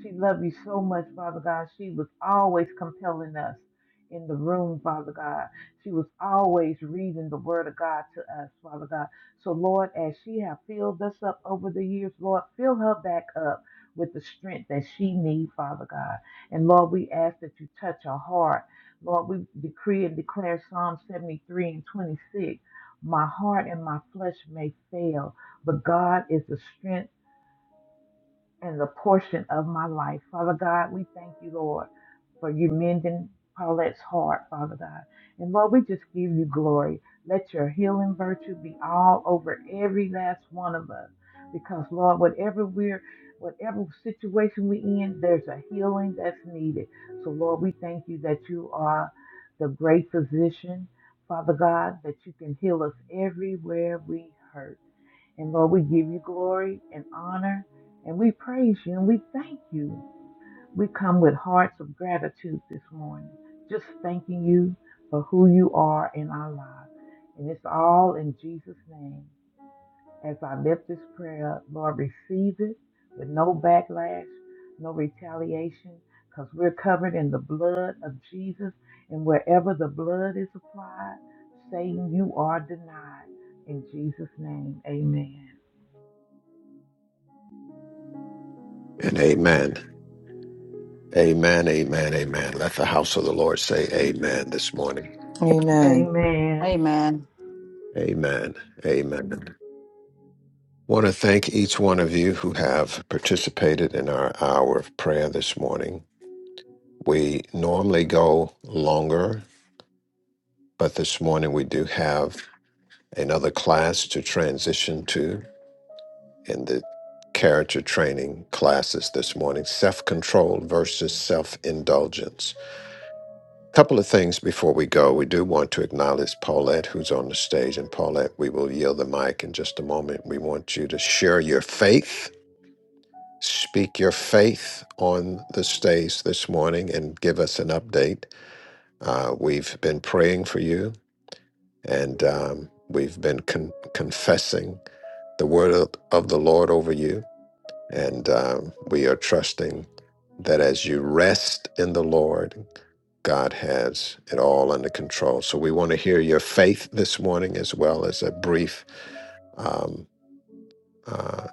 [SPEAKER 6] she loved you so much, Father God. She was always compelling us in the room, Father God. She was always reading the Word of God to us, Father God. So, Lord, as she have filled us up over the years, Lord, fill her back up with the strength that she needs, Father God. And Lord, we ask that you touch her heart. Lord, we decree and declare Psalm 73 and 26. My heart and my flesh may fail, but God is the strength and the portion of my life. Father God, we thank you, Lord, for you mending Paulette's heart, Father God. And Lord, we just give you glory. Let your healing virtue be all over every last one of us. Because Lord, whatever we're whatever situation we're in, there's a healing that's needed. So Lord, we thank you that you are the great physician, Father God, that you can heal us everywhere we hurt. And Lord, we give you glory and honor and we praise you and we thank you. We come with hearts of gratitude this morning, just thanking you for who you are in our lives. And it's all in Jesus' name. As I lift this prayer up, Lord, receive it with no backlash, no retaliation, because we're covered in the blood of Jesus. And wherever the blood is applied, Satan, you are denied. In Jesus' name, amen.
[SPEAKER 2] And amen. Amen. Amen. Amen. Let the house of the Lord say amen this morning.
[SPEAKER 5] Amen.
[SPEAKER 3] Amen.
[SPEAKER 6] Amen.
[SPEAKER 2] Amen. Amen. Want to thank each one of you who have participated in our hour of prayer this morning. We normally go longer, but this morning we do have another class to transition to. in the character training classes this morning self control versus self indulgence. couple of things before we go. We do want to acknowledge Paulette, who's on the stage. And Paulette, we will yield the mic in just a moment. We want you to share your faith, speak your faith on the stage this morning, and give us an update. Uh, we've been praying for you, and um, we've been con- confessing the word of of the Lord over you. And um, we are trusting that as you rest in the Lord, God has it all under control. So we want to hear your faith this morning as well as a brief um, uh,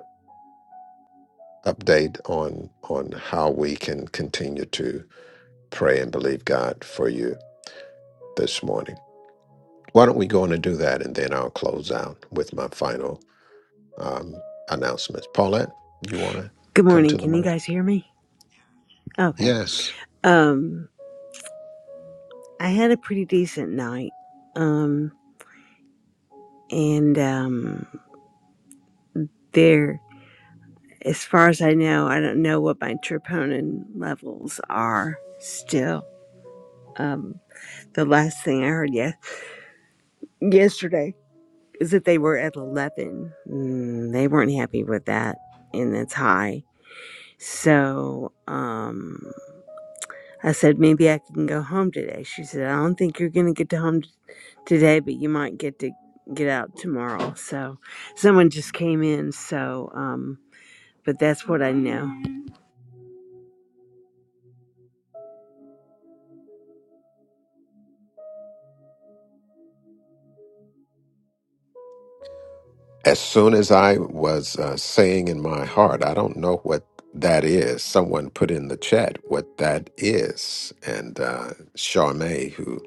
[SPEAKER 2] update on on how we can continue to pray and believe God for you this morning. Why don't we go on and do that, and then I'll close out with my final um, announcements. Paulette, you want to
[SPEAKER 7] Good
[SPEAKER 2] come
[SPEAKER 7] morning.
[SPEAKER 2] to the
[SPEAKER 7] Can you
[SPEAKER 2] mic?
[SPEAKER 7] guys hear me? Okay.
[SPEAKER 2] Yes.
[SPEAKER 7] Um, I had a pretty decent night. Um, and um, there, as far as I know, I don't know what my troponin levels are still. Um, the last thing I heard yes yesterday is that they were at eleven. Mm, they weren't happy with that, and that's high. So, um. I said, maybe I can go home today. She said, I don't think you're going to get to home today, but you might get to get out tomorrow. So someone just came in. So, um, but that's what I know.
[SPEAKER 2] as soon as I was uh, saying in my heart, I don't know what that is. Someone put in the chat what that is. And uh, Charmaine, who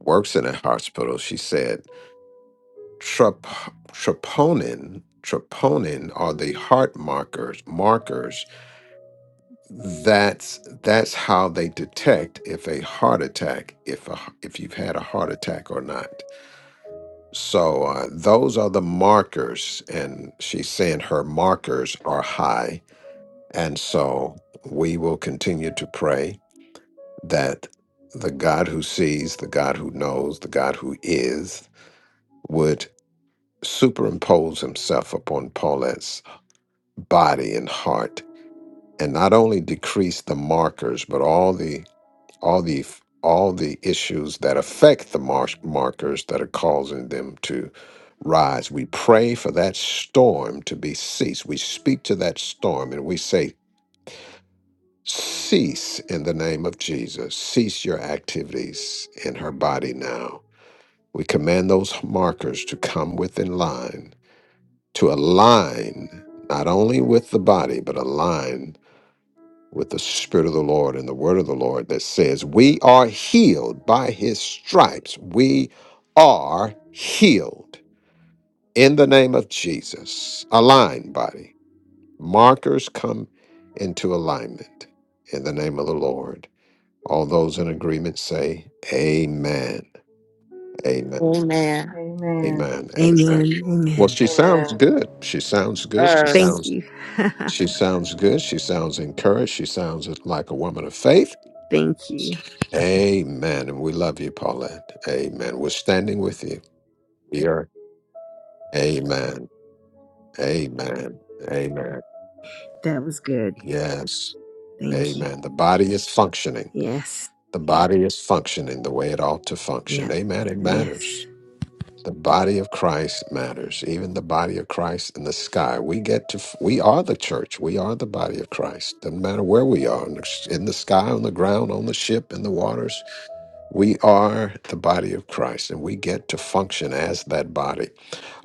[SPEAKER 2] works in a hospital, she said, Trop- troponin, troponin are the heart markers, markers. That's, that's how they detect if a heart attack, if, a, if you've had a heart attack or not. So uh, those are the markers, and she's saying her markers are high. And so we will continue to pray that the God who sees, the God who knows, the God who is would superimpose himself upon Paulette's body and heart and not only decrease the markers, but all the all the f- all the issues that affect the marsh markers that are causing them to rise. We pray for that storm to be ceased. We speak to that storm and we say, Cease in the name of Jesus. Cease your activities in her body now. We command those markers to come within line, to align not only with the body, but align with the Spirit of the Lord and the Word of the Lord that says, We are healed by His stripes. We are healed in the name of Jesus. Align, body. Markers come into alignment in the name of the Lord. All those in agreement say, Amen. Amen.
[SPEAKER 4] Amen.
[SPEAKER 6] Amen.
[SPEAKER 2] Amen. Amen.
[SPEAKER 7] Amen.
[SPEAKER 2] Well,
[SPEAKER 7] Amen.
[SPEAKER 2] she
[SPEAKER 5] Amen.
[SPEAKER 2] sounds good. She sounds good. She
[SPEAKER 4] Yes.
[SPEAKER 7] Thank
[SPEAKER 2] sounds.
[SPEAKER 7] you.
[SPEAKER 2] She sounds good. She sounds encouraged. She sounds like a woman of faith.
[SPEAKER 7] Thank you.
[SPEAKER 2] Amen. And we love you, Paulette. Amen. We're standing with you. We are. Amen. Amen. Amen.
[SPEAKER 7] That was good.
[SPEAKER 2] Yes.
[SPEAKER 7] Thank you.
[SPEAKER 2] Amen. The body is functioning.
[SPEAKER 7] Yes.
[SPEAKER 2] The body is functioning the way it ought to function.
[SPEAKER 7] Yep.
[SPEAKER 2] Amen. It
[SPEAKER 7] Yes.
[SPEAKER 2] matters. The body of Christ matters. Even the body of Christ in the sky. We get to, f- we are the church. We are the body of Christ. Doesn't matter where we are in the, in the sky, on the ground, on the ship, in the waters We are the body of Christ and we get to function as that body.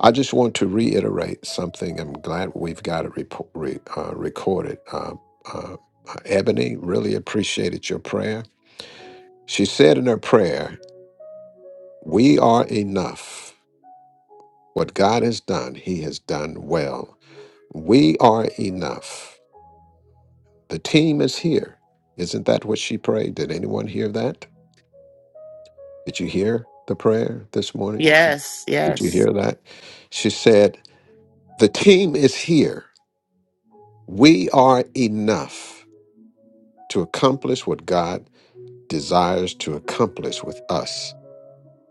[SPEAKER 2] I just want to reiterate something. I'm glad we've got it repo- re, uh, recorded. Uh, uh, Ebony really appreciated your prayer. She said in her prayer, We are enough. What God has done, He has done well. We are enough. The team is here. Isn't that what she prayed? Did anyone hear that? Did you hear the prayer this morning?
[SPEAKER 4] Yes.
[SPEAKER 2] Did you
[SPEAKER 4] Yes.
[SPEAKER 2] hear that? She said, The team is here. We are enough to accomplish what God desires to accomplish with us,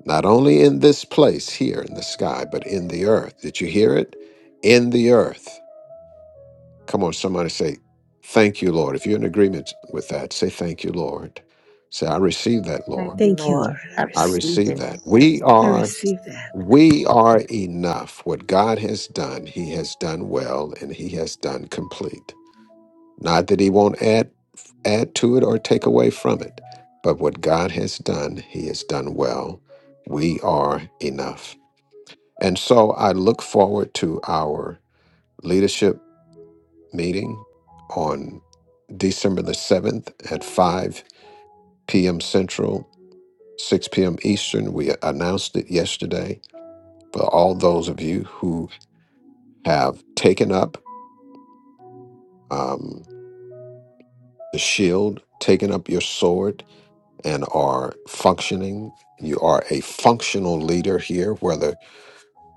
[SPEAKER 2] not only in this place here in the sky, but in the earth. Did you hear it? In the earth. Come on, somebody say, Thank you, Lord. If you're in agreement with that, say, Thank you, Lord. Say, I receive that,
[SPEAKER 6] Thank
[SPEAKER 2] Lord.
[SPEAKER 6] you,
[SPEAKER 7] Thank you,
[SPEAKER 6] Lord.
[SPEAKER 7] Lord. I
[SPEAKER 4] I
[SPEAKER 2] I
[SPEAKER 7] receive.
[SPEAKER 4] receive
[SPEAKER 2] receive
[SPEAKER 4] it.
[SPEAKER 2] that.
[SPEAKER 6] Mhm.
[SPEAKER 2] We
[SPEAKER 6] Receive it.
[SPEAKER 7] I
[SPEAKER 2] are.
[SPEAKER 7] receive that.
[SPEAKER 2] We are enough. What God has done, He has done well and He has done complete. Not that he won't add add to it or take away from it, but what God has done, he has done well. We are enough. And so I look forward to our leadership meeting on December the 7th at 5 p.m. Central, 6 p.m. Eastern. We announced it yesterday. For all those of you who have taken up um, the shield, taken up your sword, and are functioning. You are a functional leader here, whether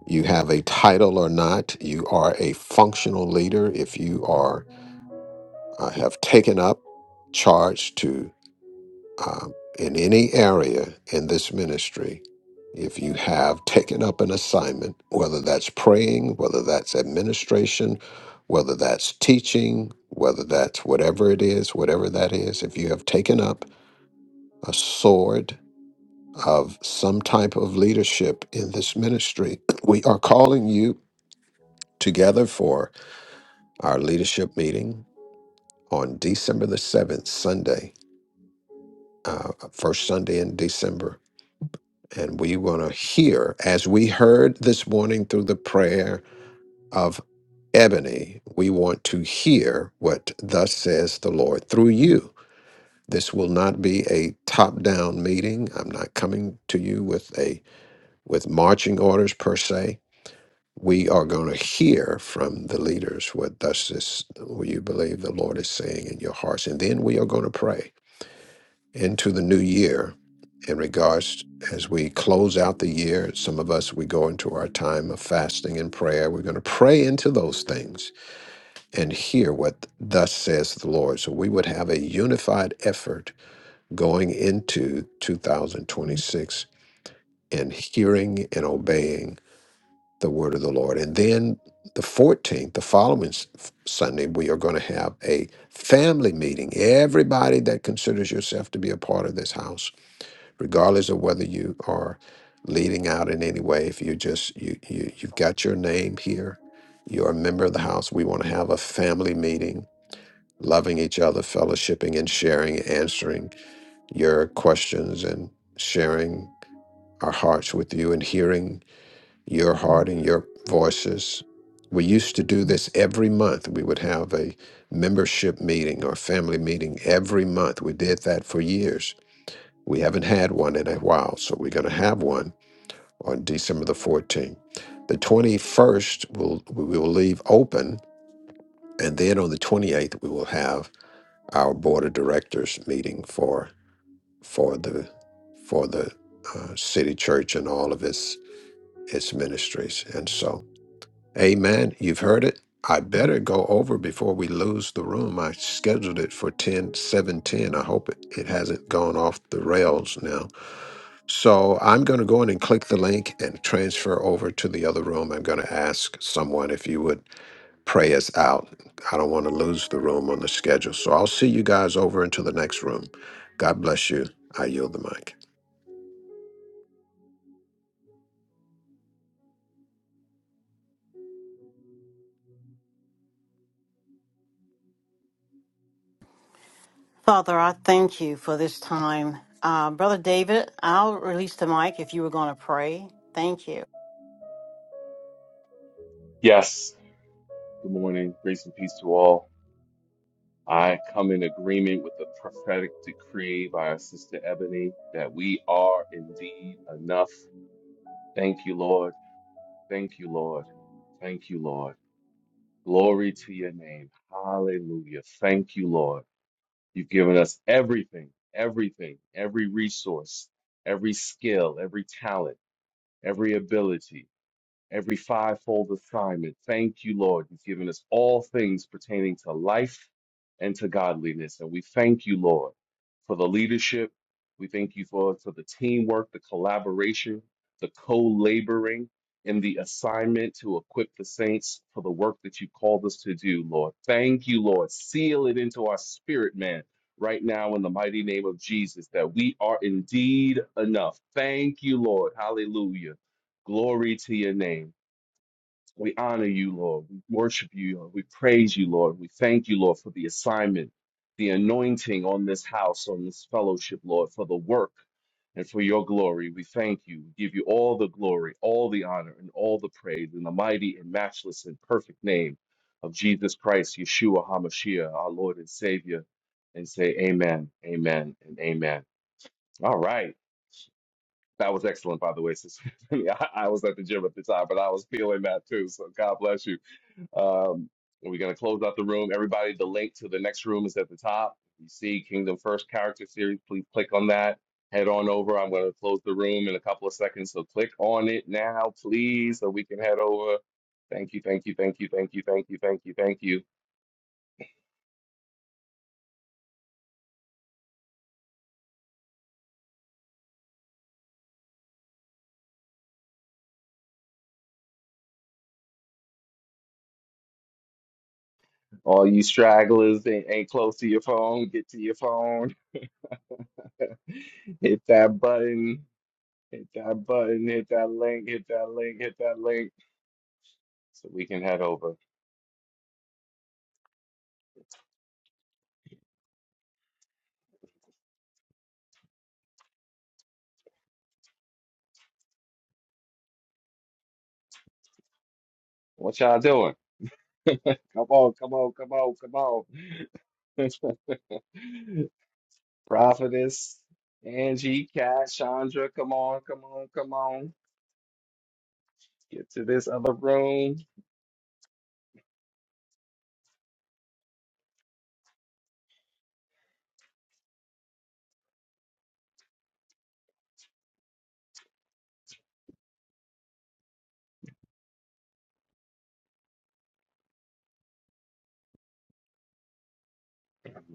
[SPEAKER 2] you have a title or not. You are a functional leader if you are uh, have taken up charge to um, in any area in this ministry. If you have taken up an assignment, whether that's praying, whether that's administration, whether that's teaching, whether that's whatever it is, whatever that is, if you have taken up a sword of some type of leadership in this ministry. We are calling you together for our leadership meeting on December the 7th, Sunday, uh, first Sunday in December. And we want to hear, as we heard this morning through the prayer of Ebony, we want to hear what thus says the Lord through you. This will not be a top down meeting. I'm not coming to you with a with marching orders per se we are going to hear from the leaders what thus is what you believe the Lord is saying in your hearts, and then we are going to pray into the new year. In regards as we close out the year, some of us we go into our time of fasting and prayer. We're going to pray into those things and hear what thus says the Lord. So we would have a unified effort going into 2026 and hearing and obeying the word of the Lord. And then the 14th, the following s- Sunday, we are going to have a family meeting. Everybody that considers yourself to be a part of this house, regardless of whether you are leading out in any way, if you just you, you you've got your name here, you're a member of the house. We want to have a family meeting, loving each other, fellowshipping and sharing, answering your questions and sharing our hearts with you and hearing your heart and your voices. We used to do this every month. We would have a membership meeting or family meeting every month. We did that for years. We haven't had one in a while, so we're going to have one on December the 14th. The 21st, we'll, we will leave open, and then on the 28th, we will have our board of directors meeting for for the for the uh, city church and all of its its ministries. And so Amen. You've heard it. I better go over before we lose the room. I scheduled it for ten seven ten. I hope it, it hasn't gone off the rails now. So I'm going to go in and click the link and transfer over to the other room. I'm going to ask someone if you would pray us out. I don't want to lose the room on the schedule. So I'll see you guys over into the next room. God bless you. I yield the mic.
[SPEAKER 3] Father, I thank you for this time. Uh, Brother David, I'll release the mic if you were going to pray. Thank you.
[SPEAKER 8] Yes, good morning. Grace and peace to all. I come in agreement with the prophetic decree by our sister Ebony that we are indeed enough. Thank you, Lord. Thank you, Lord. Thank you, Lord. Glory to your name. Hallelujah. Thank you, Lord. You've given us everything, everything, every resource, every skill, every talent, every ability. every fivefold assignment. Thank you, Lord. You've given us all things pertaining to life and to godliness. And we thank you, Lord, for the leadership. We thank you for, for the teamwork, the collaboration, the co laboring in the assignment to equip the saints for the work that you called us to do, Lord. Thank you, Lord. Seal it into our spirit, man. Right now, in the mighty name of Jesus, that we are indeed enough. Thank you, Lord. Hallelujah. Glory to your name. We honor you, Lord. We worship you, Lord. We praise you, Lord. We thank you, Lord, for the assignment, the anointing on this house, on this fellowship, Lord, for the work and for your glory. We thank you. We give you all the glory, all the honor, and all the praise in the mighty and matchless and perfect name of Jesus Christ, Yeshua HaMashiach, our Lord and Savior, and say amen, amen, and amen. All right. That was excellent, by the way, sister. Tiffany. I, I was at the gym at the time, but I was feeling that too. So God bless you. Um, and we're going to close out the room. Everybody, the link to the next room is at the top. You see Kingdom First Character Series. Please click on that. Head on over. I'm going to close the room in a couple of seconds. So click on it now, please, so we can head over. Thank you, thank you, thank you, thank you, thank you, thank you, thank you. All you stragglers that ain't close to your phone, get to your phone. Hit that button. Hit that button. Hit that link. Hit that link. Hit that link. So we can head over. What y'all doing? Come on, come on, come on, come on. Prophetess, Angie, Kat, Chandra, come on, come on, come on. Get to this other room.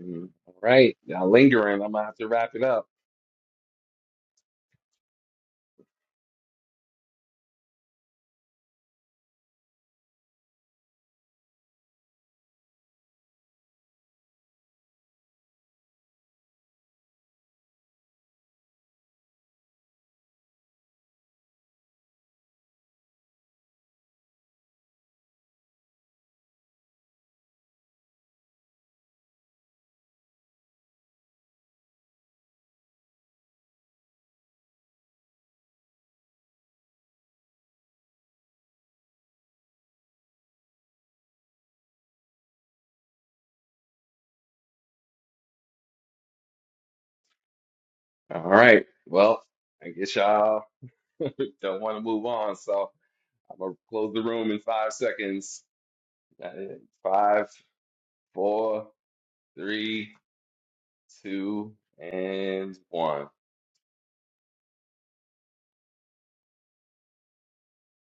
[SPEAKER 8] Mm, All right, y'all lingering. I'm gonna have to wrap it up. All right, well, I guess y'all don't want to move on, so I'm gonna close the room in five seconds. Uh, Five, four, three, two, and one.